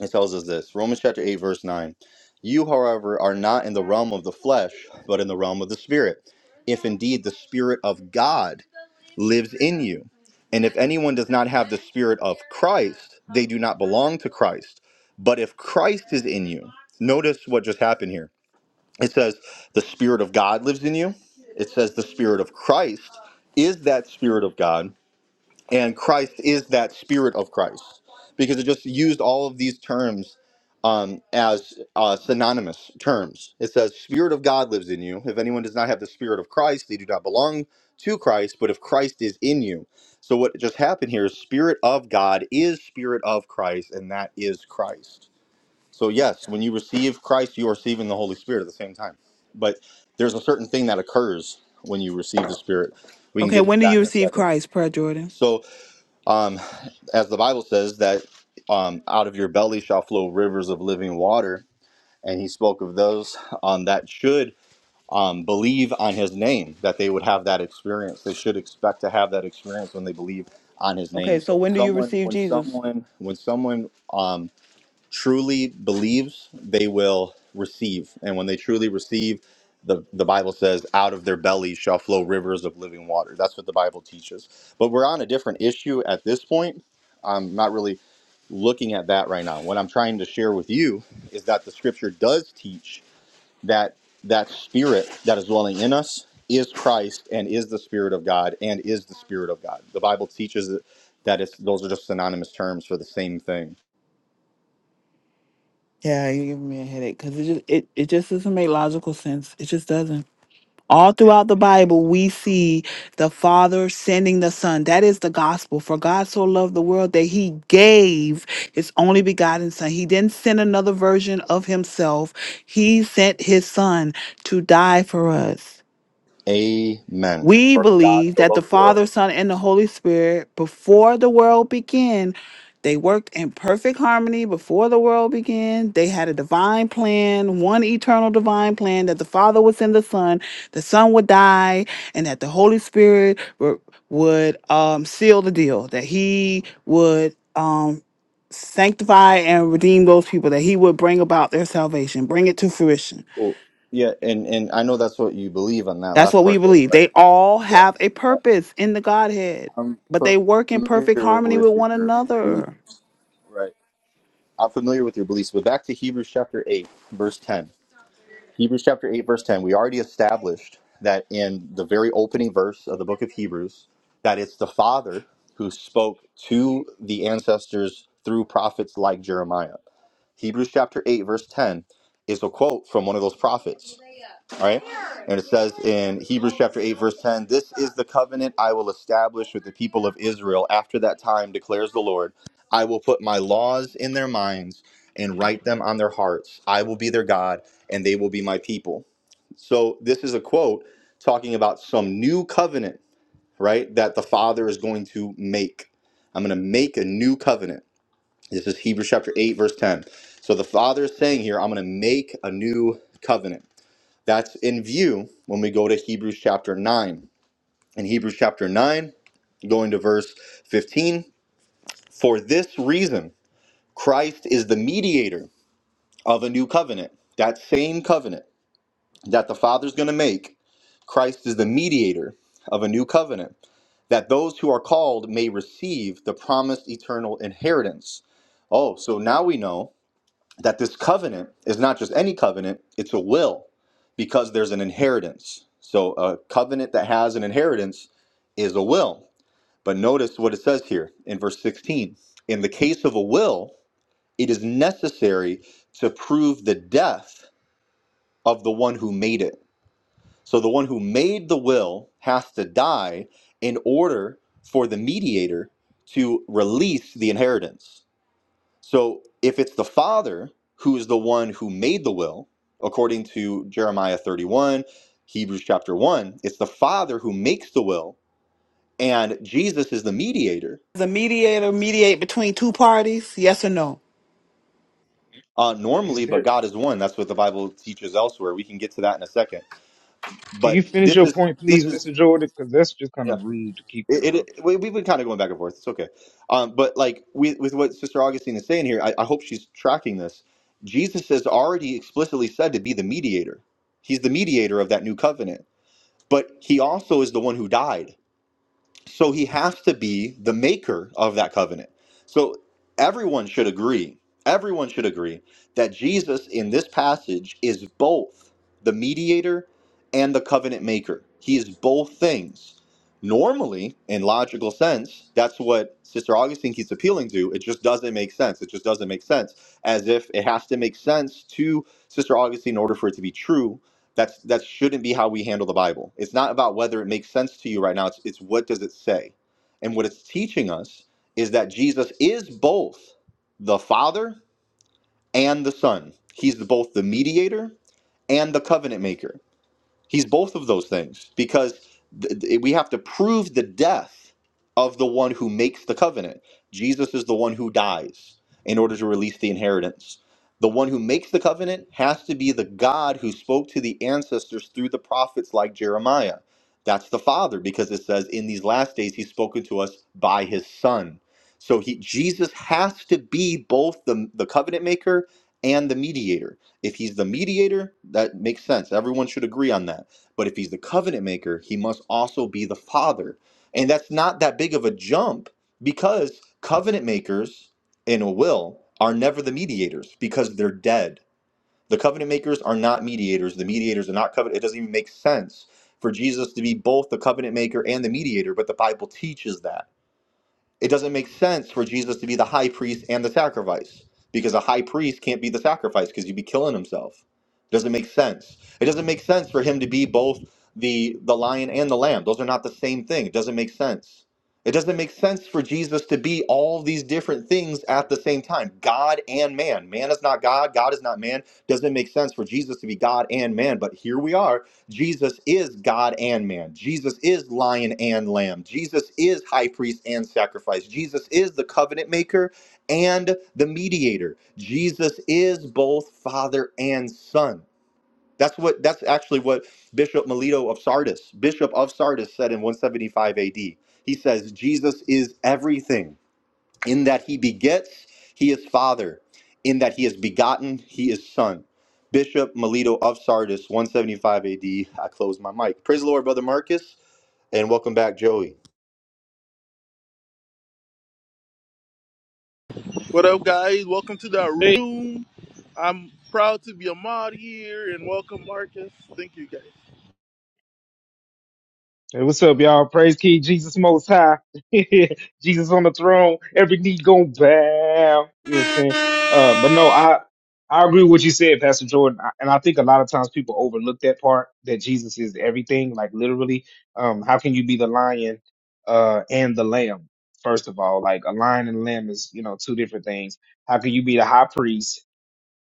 A: It tells us this Romans chapter 8, verse 9. You, however, are not in the realm of the flesh, but in the realm of the Spirit, if indeed the Spirit of God lives in you. And if anyone does not have the Spirit of Christ, they do not belong to Christ. But if Christ is in you, notice what just happened here. It says, the Spirit of God lives in you. It says, the Spirit of Christ is that Spirit of God and Christ is that spirit of Christ because it just used all of these terms um, as uh, synonymous terms. It says, "Spirit of God lives in you. If anyone does not have the Spirit of Christ, they do not belong to Christ. But if Christ is in you, so what just happened here is Spirit of God is Spirit of Christ, and that is Christ. So yes, when you receive Christ, you are receiving the Holy Spirit at the same time. But there's a certain thing that occurs when you receive the Spirit. We can
C: Okay,
A: get into
C: when do you
A: that in a
C: receive
A: second.
C: Christ, Prayer Jordan?
A: So um, as the Bible says that um, out of your belly shall flow rivers of living water, and he spoke of those um, that should um, believe on his name, that they would have that experience. They should expect to have that experience when they believe on his name.
C: Okay,
A: So
C: so
A: when
C: when do you
A: someone,
C: receive
A: when
C: Jesus?
A: someone, when someone um, truly believes, they will receive. And when they truly receive, the, the Bible says, out of their belly shall flow rivers of living water. That's what the Bible teaches. But we're on a different issue at this point. I'm not really looking at that right now. What I'm trying to share with you is that the scripture does teach that that spirit that is dwelling in us is Christ and is the spirit of God and is the spirit of God. The Bible teaches that it's those are just synonymous terms for the same thing
C: Yeah, you give me a headache because it just it, it just doesn't make logical sense. It just doesn't. All throughout the Bible, we see the Father sending the Son. That is the gospel. For God so loved the world that he gave his only begotten Son. He didn't send another version of himself, he sent his Son to die for us.
A: Amen.
C: We
A: For God
C: believe
A: so
C: that the
A: loved the world.
C: Father, Son, and the Holy Spirit, before the world began, they worked in perfect harmony before the world began. They had a divine plan, one eternal divine plan that the Father was in the Son, the Son would die, and that the Holy Spirit wo- would um, seal the deal, that He would um, sanctify and redeem those people, that He would bring about their salvation, bring it to fruition.
A: Cool. Yeah, and and I know that's what you believe on that
C: That's
A: last
C: what we
A: part there,
C: believe.
A: but
C: They all
A: yeah,
C: have a purpose in the Godhead,
A: I'm
C: but they work in perfect
A: familiar
C: harmony with
A: with
C: one
A: your beliefs.
C: another.
A: Right. I'm familiar with your beliefs. But back to Hebrews chapter eight, verse ten. Hebrews chapter eight, verse ten. We already established that in the very opening verse of the book of Hebrews, that it's the Father who spoke to the ancestors through prophets like Jeremiah. Hebrews chapter eight, verse ten is a quote from one of those prophets. All right. And it says in Hebrews chapter 8, verse 10, This is the covenant I will establish with the people of Israel after that time, declares the Lord. I will put my laws in their minds and write them on their hearts. I will be their God, and they will be my people. So this is a quote talking about some new covenant, right? That the Father is going to make. I'm going to make a new covenant. This is Hebrews chapter 8, verse 10. So the Father is saying here, I'm going to make a new covenant. That's in view when we go to Hebrews chapter 9. In Hebrews chapter 9, going to verse 15, for this reason, Christ is the mediator of a new covenant. That same covenant that the Father's going to make, Christ is the mediator of a new covenant, that those who are called may receive the promised eternal inheritance. Oh, so now we know that this covenant is not just any covenant, it's a will because there's an inheritance. So a covenant that has an inheritance is a will. But notice what it says here in verse 16. In the case of a will, it is necessary to prove the death of the one who made it. So the one who made the will has to die in order for the mediator to release the inheritance. So if it's the father who is the one who made the will, according to Jeremiah 31, Hebrews chapter 1, it's the father who makes the will, and Jesus is the mediator.
C: Does a mediator mediate between two parties? Yes or no?
A: Uh,
D: Is
A: normally, but
D: there?
A: God is one. That's what the Bible teaches elsewhere. We can get to that in a second.
D: Can you
A: But
D: finish
A: this
D: your
A: is
D: point, please,
A: this is
D: Mr. Jordan? Because that's just kind
A: yeah.
D: of rude to keep
A: It, it,
D: interrupting.
A: it we, we've been kind of going back and forth. It's okay. Um, but like we, with what Sister Augustine is saying here, I, I hope she's tracking this. Jesus is already explicitly said to be the mediator. He's the mediator of that new covenant but he also is the one who died. So he has to be the maker of that covenant. So everyone should agree, everyone should agree that Jesus in this passage is both the mediator and the covenant maker. He is both things. Normally, in logical sense, that's what Sister Augustine keeps appealing to. It just doesn't make sense. It just doesn't make sense. As if it has to make sense to Sister Augustine in order for it to be true that's that shouldn't be how we handle the Bible. It's not about whether it makes sense to you right now. It's it's what does it say? And what it's teaching us is that Jesus is both the Father and the Son. He's both the mediator and the covenant maker. He's both of those things because th- th- we have to prove the death of the one who makes the covenant. Jesus is the one who dies in order to release the inheritance. The one who makes the covenant has to be the God who spoke to the ancestors through the prophets like Jeremiah. That's the Father because it says in these last days he's spoken to us by his Son. So he Jesus has to be both the, the covenant maker and the mediator if he's the mediator, that makes sense. Everyone should agree on that. But if he's the covenant maker, he must also be the father. And that's not that big of a jump because covenant makers in a will are never the mediators because they're dead. The covenant makers are not mediators. The mediators are not covenant. It doesn't even make sense for Jesus to be both the covenant maker and the mediator, but the Bible teaches that. It doesn't make sense for Jesus to be the high priest and the sacrifice because a high priest can't be the sacrifice because he'd be killing himself. It doesn't make sense. It doesn't make sense for him to be both the the lion and the lamb. Those are not the same thing. It doesn't make sense. It doesn't make sense for Jesus to be all these different things at the same time, God and man. Man is not God, God is not man. Doesn't make sense for Jesus to be God and man, but here we are Jesus is God and man. Jesus is lion and lamb. Jesus is high priest and sacrifice. Jesus is the covenant maker and the mediator. Jesus is both father and son. That's what that's actually what Bishop Melito of Sardis, Bishop of Sardis said in 175 AD. He says Jesus is everything. In that he begets, he is father. In that he is begotten, he is son. Bishop Melito of Sardis, 175 AD. I close my mic. Praise the Lord, Brother Marcus, and welcome back, Joey.
B: What up, guys? Welcome to the Hey, room. I'm proud to be a mod here, and welcome, Marcus. Thank you, guys.
D: Hey, what's up, y'all? Praise King Jesus Most High. [laughs] Jesus on the throne. Every knee going bow. You know what I'm saying? Uh, but no, I I agree with what you said, Pastor Jordan. I, and I think a lot of times people overlook that part that Jesus is everything. Like literally, um, how can you be the lion uh and the lamb? First of all, like a lion and a lamb is you know two different things. How can you be the high priest?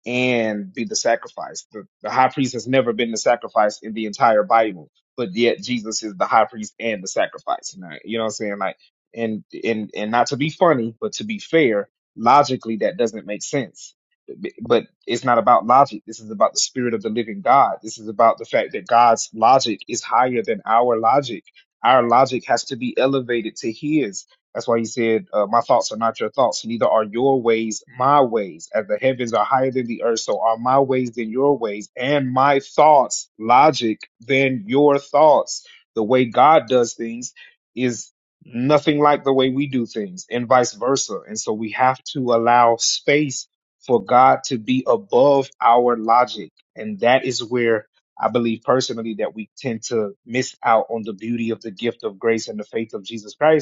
D: and be the sacrifice. The, the high priest has never been the sacrifice in the entire Bible, but yet Jesus is the high priest and the sacrifice. And I- You know what I'm saying? Like, and and and not to be funny, but to be fair, logically that doesn't make sense. B- But it's not about logic. This is about the spirit of the living God. This is about the fact that God's logic is higher than our logic. Our logic has to be elevated to His that's why he said, uh, My thoughts are not your thoughts, neither are your ways my ways. As the heavens are higher than the earth, so are my ways than your ways, and my thoughts, logic, than your thoughts. The way God does things is nothing like the way we do things, and vice versa. And so we have to allow space for God to be above our logic. And that is where I believe personally that we tend to miss out on the beauty of the gift of grace and the faith of Jesus Christ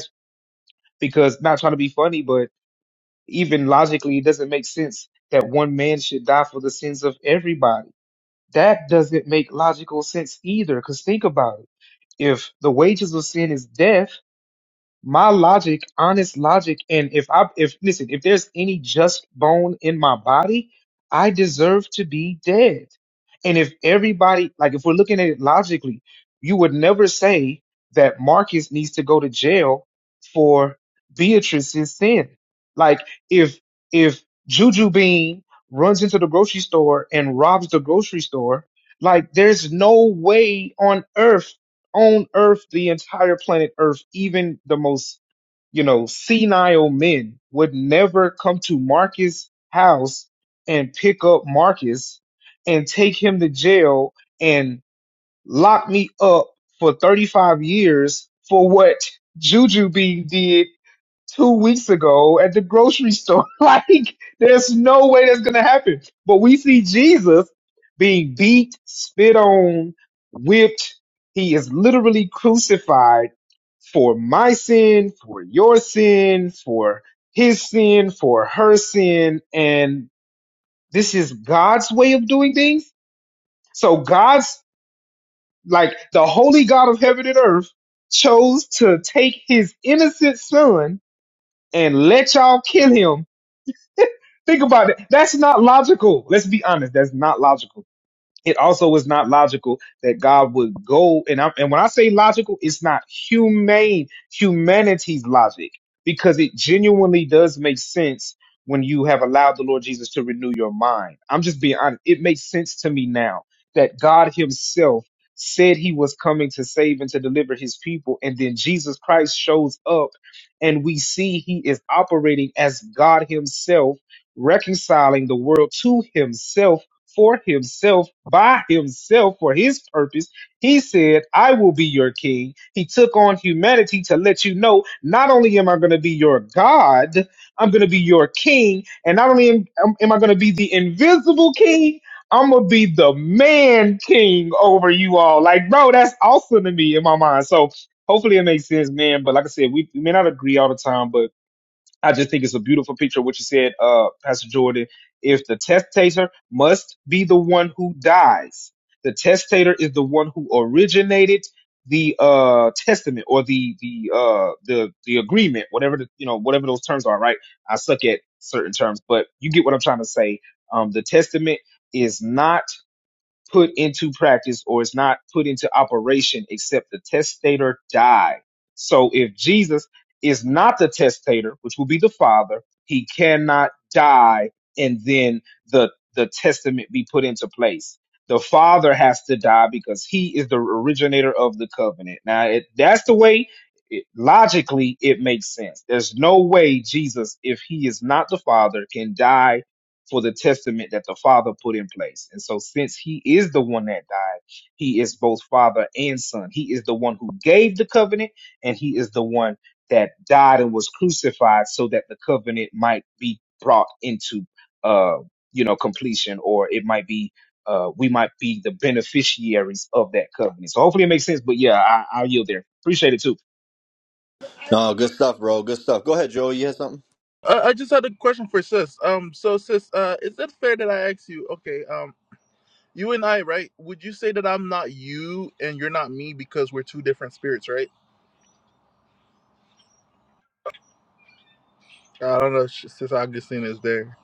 D: because not trying to be funny, but even logically, it doesn't make sense that one man should die for the sins of everybody. That doesn't make logical sense either. Because think about it. If the wages of sin is death, my logic, honest logic, and if I if listen, if there's any just bone in my body, I deserve to be dead. And if everybody like if we're looking at it logically, you would never say that Marcus needs to go to jail for Beatrice's sin. Like if if Juju Bean runs into the grocery store and robs the grocery store, like there's no way on earth on Earth, the entire planet Earth, even the most, you know, senile men would never come to Marcus' house and pick up Marcus and take him to jail and lock me up for 35 years for what Juju B did two weeks ago at the grocery store. [laughs] Like, there's no way that's going to happen. But we see Jesus being beat, spit on, whipped. He is literally crucified for my sin, for your sin, for his sin, for her sin. And this is God's way of doing things. So God's, like, the holy God of heaven and earth chose to take his innocent son and let y'all kill him [laughs] Think about it. That's not logical. Let's be honest. That's not logical it also is not logical that God would go and I, and when I say logical, it's not humane humanity's logic because it genuinely does make sense when you have allowed the Lord Jesus to renew your mind. I'm just being honest. It makes sense to me now that God Himself said He was coming to save and to deliver His people, and then Jesus Christ shows up, and we see He is operating as God Himself, reconciling the world to Himself for himself by himself for his purpose. He said, I will be your king. He took on humanity to let you know not only am I going to be your God, I'm going to be your king. And not only am, am am I going to be the invisible king, I'm going to be the man king over you all. Like, bro, that's awesome to me in my mind. So hopefully it makes sense, man. But like I said, we, we may not agree all the time, but I just think it's a beautiful picture of what you said, uh, Pastor Jordan. If the testator must be the one who dies, the testator is the one who originated the uh testament or the the uh the the agreement, whatever the you know whatever those terms are. Right? I suck at certain terms, but you get what I'm trying to say. Um, the testament is not put into practice or is not put into operation except the testator die. So if Jesus is not the testator, which will be the Father, he cannot die and then the the testament be put into place. The Father has to die because he is the originator of the covenant. Now it, that's the way it, logically it makes sense. There's no way Jesus, if he is not the Father, can die for the testament that the Father put in place. And so, since He is the one that died, He is both Father and Son. He is the one who gave the covenant, and He is the one that died and was crucified so that the covenant might be brought into, uh, you know, completion, or it might be. Uh, we might be the beneficiaries of that covenant. So hopefully it makes sense. But yeah, I, I'll yield there. Appreciate it too.
A: No, good stuff, bro. Good stuff. Go ahead, Joey. You had something?
B: I, I just had a question for sis. Um, so sis, uh, is it fair that I ask you? Okay, um, you and I, right? Would you say that I'm not you and you're not me because we're two different spirits, right? I don't know. if sh- Sis Augustine is there.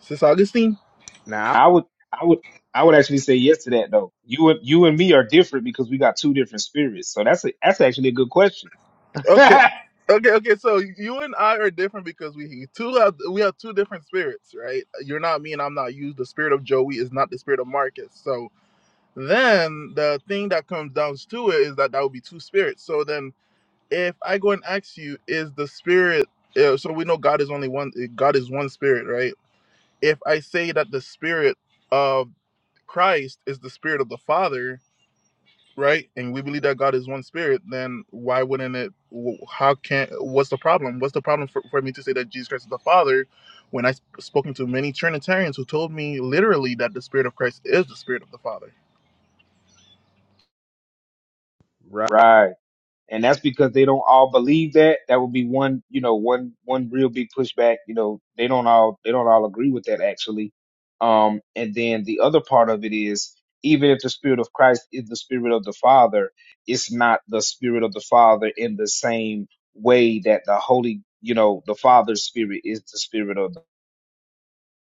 B: Sis Augustine.
D: Now, I would, I would, I would actually say yes to that though. You and you and me are different because we got two different spirits. So that's a, that's actually a good question, [laughs]
B: Okay.
D: Right.
B: Okay, okay, so you and I are different because we two have we have two different spirits, right? You're not me and I'm not you. The spirit of Joey is not the spirit of Marcus. So then the thing that comes down to it is that that would be two spirits. So then if I go and ask you, is the spirit? uh, So we know God is only one. God is one spirit, right? If I say that the spirit of Christ is the spirit of the Father, right? And we believe that God is one spirit, then why wouldn't it? wh- How can? What's the problem? What's the problem for, for me to say that Jesus Christ is the Father? When I sp- spoken to many Trinitarians who told me literally that the spirit of Christ is the spirit of the Father.
D: right? And that's because they don't all believe that. That would be one, you know, one one real big pushback. You know, they don't all they don't all agree with that actually. Um, and then the other part of it is even if the spirit of Christ is the spirit of the Father, it's not the spirit of the Father in the same way that the Holy, you know, the Father's spirit is the spirit of the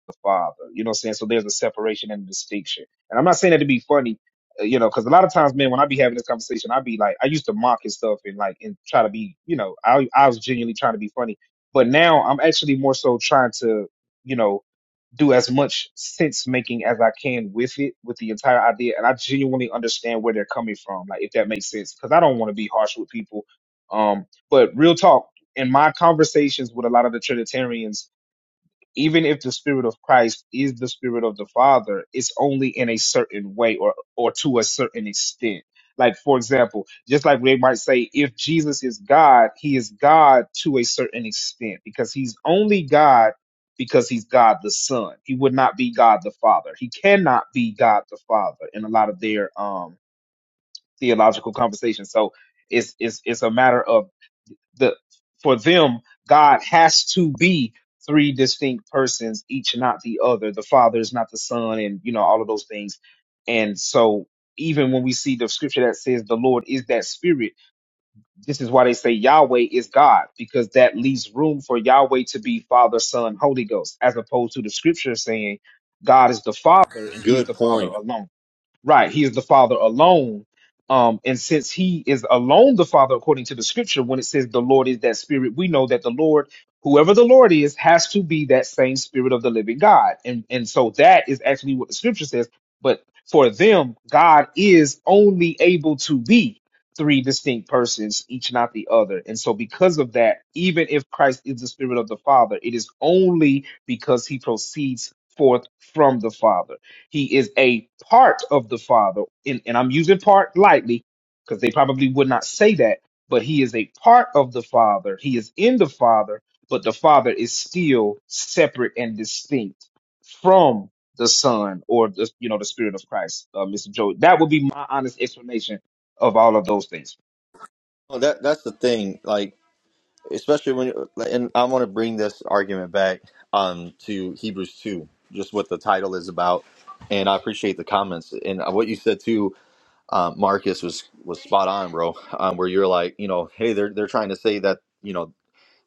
D: the father. You know what I'm saying? So there's a separation and a distinction. And I'm not saying that to be funny, uh, you know, because a lot of times, man, when I be having this conversation, I be like, I used to mock and stuff and like and try to be, you know, I I was genuinely trying to be funny. But now I'm actually more so trying to, you know, do as much sense making as I can with it, with the entire idea, and I genuinely understand where they're coming from, like if that makes sense, because I don't want to be harsh with people. Um, but real talk, in my conversations with a lot of the Trinitarians even if the spirit of Christ is the spirit of the Father, it's only in a certain way or or to a certain extent. Like for example, just like they might say, if Jesus is God, he is God to a certain extent because he's only God because he's God the Son. He would not be God the Father. He cannot be God the Father in a lot of their um theological conversations. So it's it's it's a matter of the for them god has to be three distinct persons each not the other the father is not the son and you know all of those things and so even when we see the scripture that says the lord is that spirit this is why they say yahweh is god because that leaves room for yahweh to be father son holy ghost as opposed to the scripture saying god is the father and he is
A: Good
D: the father
A: point.
D: alone Right, he is the Father alone. Um, and since he is alone the Father, according to the scripture, when it says the Lord is that spirit, we know that the Lord, whoever the Lord is, has to be that same spirit of the living God. And and so that is actually what the scripture says. But for them, God is only able to be three distinct persons, each not the other. And so because of that, even if Christ is the spirit of the Father, it is only because he proceeds forth from the Father. He is a part of the Father, and, and I'm using part lightly because they probably would not say that, but he is a part of the Father. He is in the Father, but the Father is still separate and distinct from the Son or the you know the Spirit of Christ, uh, Mr. Joe. That would be my honest explanation of all of those things.
A: Oh, That That's the thing. Like, especially when, like, and I want to bring this argument back um, to Hebrews 2, just what the title is about. And I appreciate the comments and what you said too uh, Marcus was was spot on, bro. Um, where you're like, you know, hey, they're they're trying to say that you know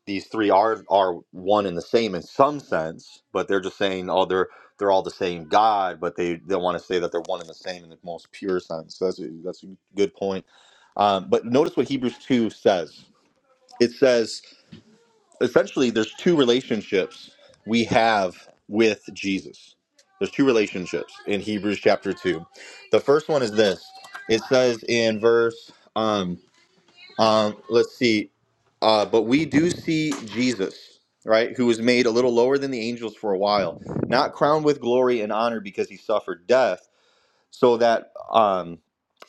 A: these three are are one and the same in some sense, but they're just saying, oh, they're they're all the same God, but they they want to say that they're one and the same in the most pure sense. So that's a, that's a good point. Um, but notice what Hebrews two says. It says essentially there's two relationships we have with Jesus. There's two relationships in Hebrews chapter 2. The first one is this. It says in verse um um let's see uh but we do see Jesus, right, who was made a little lower than the angels for a while, not crowned with glory and honor because he suffered death, so that um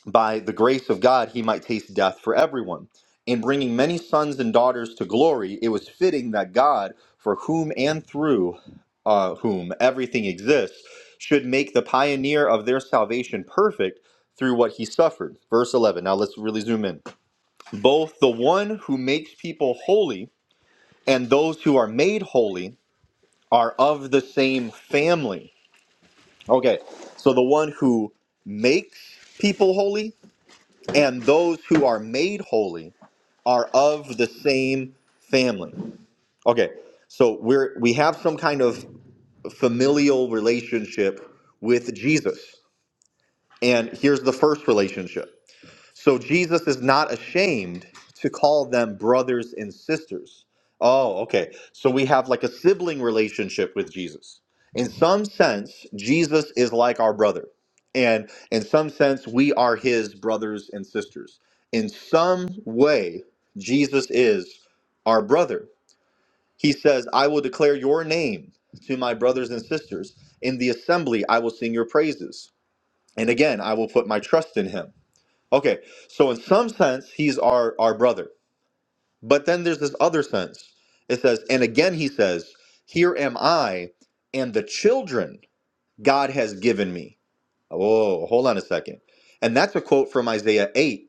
A: by the grace of God, he might taste death for everyone. In bringing many sons and daughters to glory, it was fitting that God, for whom and through uh, whom everything exists, should make the pioneer of their salvation perfect through what he suffered. Verse 11. Now let's really zoom in. Both the one who makes people holy and those who are made holy are of the same family. Okay, so the one who makes people holy and those who are made holy are of the same family. Okay, so we're we have some kind of familial relationship with Jesus. And here's the first relationship. So Jesus is not ashamed to call them brothers and sisters. Oh, okay. So we have like a sibling relationship with Jesus. In some sense, Jesus is like our brother. And in some sense, we are his brothers and sisters. In some way, Jesus is our brother. He says, I will declare your name to my brothers and sisters. In the assembly, I will sing your praises. And again, I will put my trust in him. Okay, so in some sense, he's our, our brother. But then there's this other sense. It says, and again he says, Here am I and the children God has given me. Oh, hold on a second. And that's a quote from Isaiah 8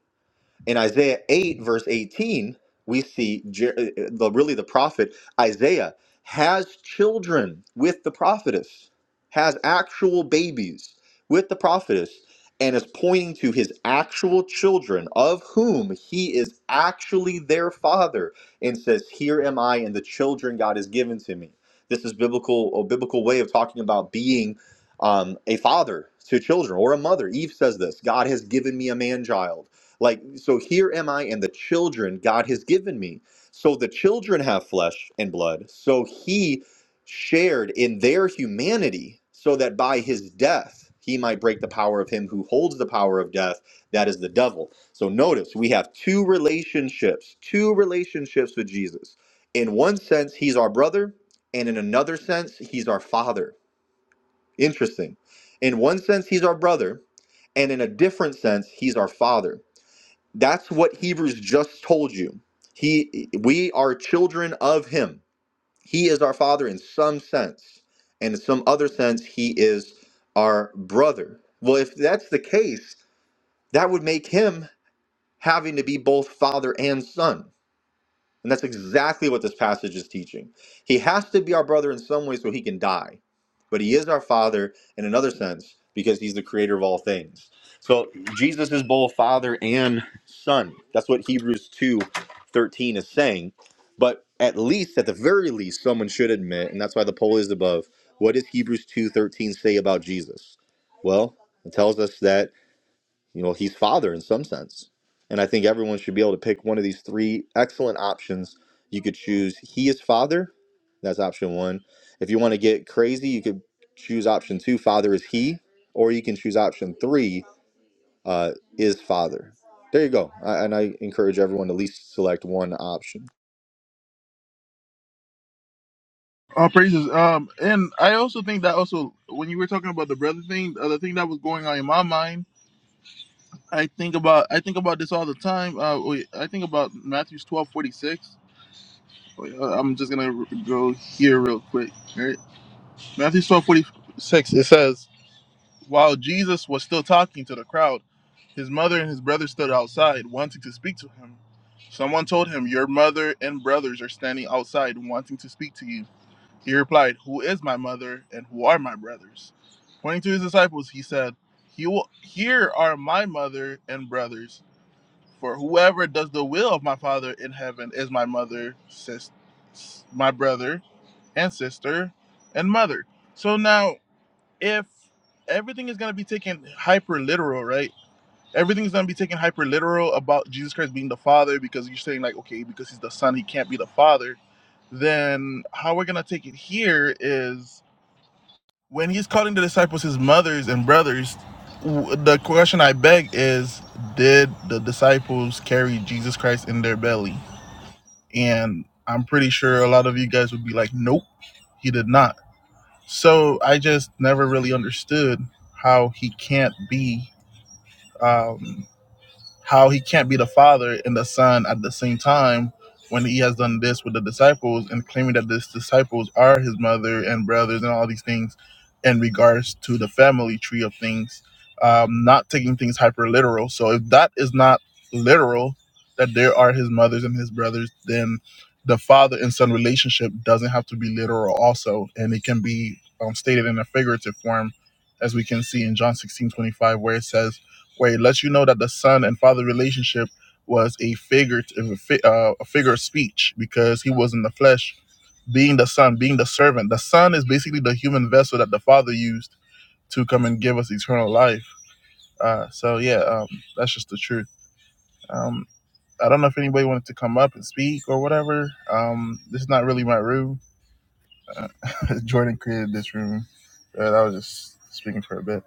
A: in Isaiah 8, verse 18, we see Je- uh, uh, the, really the prophet Isaiah has children with the prophetess, has actual babies with the prophetess, and is pointing to his actual children, of whom he is actually their father, and says, Here am I and the children God has given to me. This is biblical, a biblical way of talking about being um, a father to children or a mother. Eve says this God has given me a man child like, so here am I and the children God has given me. So the children have flesh and blood. So he shared in their humanity so that by his death, he might break the power of him who holds the power of death. That is the devil. So notice we have two relationships, two relationships with Jesus. In one sense, he's our brother, and in another sense, he's our father. Interesting. In one sense, he's our brother, and in a different sense, he's our father. That's what Hebrews just told you. He we are children of him. He is our father in some sense, and in some other sense he is our brother. Well, if that's the case, that would make him having to be both father and son. And that's exactly what this passage is teaching. He has to be our brother in some way so he can die, but he is our father in another sense because he's the creator of all things. So Jesus is both father and son. That's what Hebrews 2:13 is saying. But at least, at the very least, someone should admit, and that's why the poll is above, what does Hebrews 2:13 say about Jesus? Well, it tells us that. You know, he's father in some sense. And I think everyone should be able to pick one of these three excellent options. You could choose he is father. That's option one. If you want to get crazy, you could choose option two, father is he, or you can choose option three, uh, is father. There you go. I, and I encourage everyone to at least select one option.
B: All praises. Um, and I also think that also when you were talking about the brother thing, the other thing that was going on in my mind I think about I think about this all the time. Uh, wait, I think about Matthew's twelve forty six. Wait, uh, I'm just gonna r- go here real quick. All right, Matthew's twelve forty six. It says, while Jesus was still talking to the crowd, his mother and his brother stood outside, wanting to speak to him. Someone told him, "Your mother and brothers are standing outside, wanting to speak to you." He replied, "Who is my mother and who are my brothers?" Pointing to his disciples, he said, "He will, here are my mother and brothers." For whoever does the will of my Father in heaven is my mother, sis, my brother, and sister, and mother. So now, if everything is going to be taken hyper literal, right? Everything's going to be taken hyper literal about Jesus Christ being the Father because you're saying, like, okay, because he's the Son, he can't be the Father. Then how we're going to take it here is when he's calling the disciples his mothers and brothers the question i beg is did the disciples carry jesus christ in their belly and i'm pretty sure a lot of you guys would be like nope he did not so i just never really understood how he can't be um, how he can't be the father and the son at the same time when he has done this with the disciples and claiming that these disciples are his mother and brothers and all these things in regards to the family tree of things um, not taking things hyper literal so if that is not literal that there are his mothers and his brothers then the father and son relationship doesn't have to be literal also and it can be um, stated in a figurative form as we can see in john 16 25, where it says where it lets you know that the son and father relationship was a figurative a uh, a figure of speech because he was in the flesh being the son being the servant the son is basically the human vessel that the father used to come and give us eternal life uh, so yeah um, that's just the truth um, i don't know if anybody wanted to come up and speak or whatever um, this is not really my room [laughs] jordan created this room uh, that was just speaking for a bit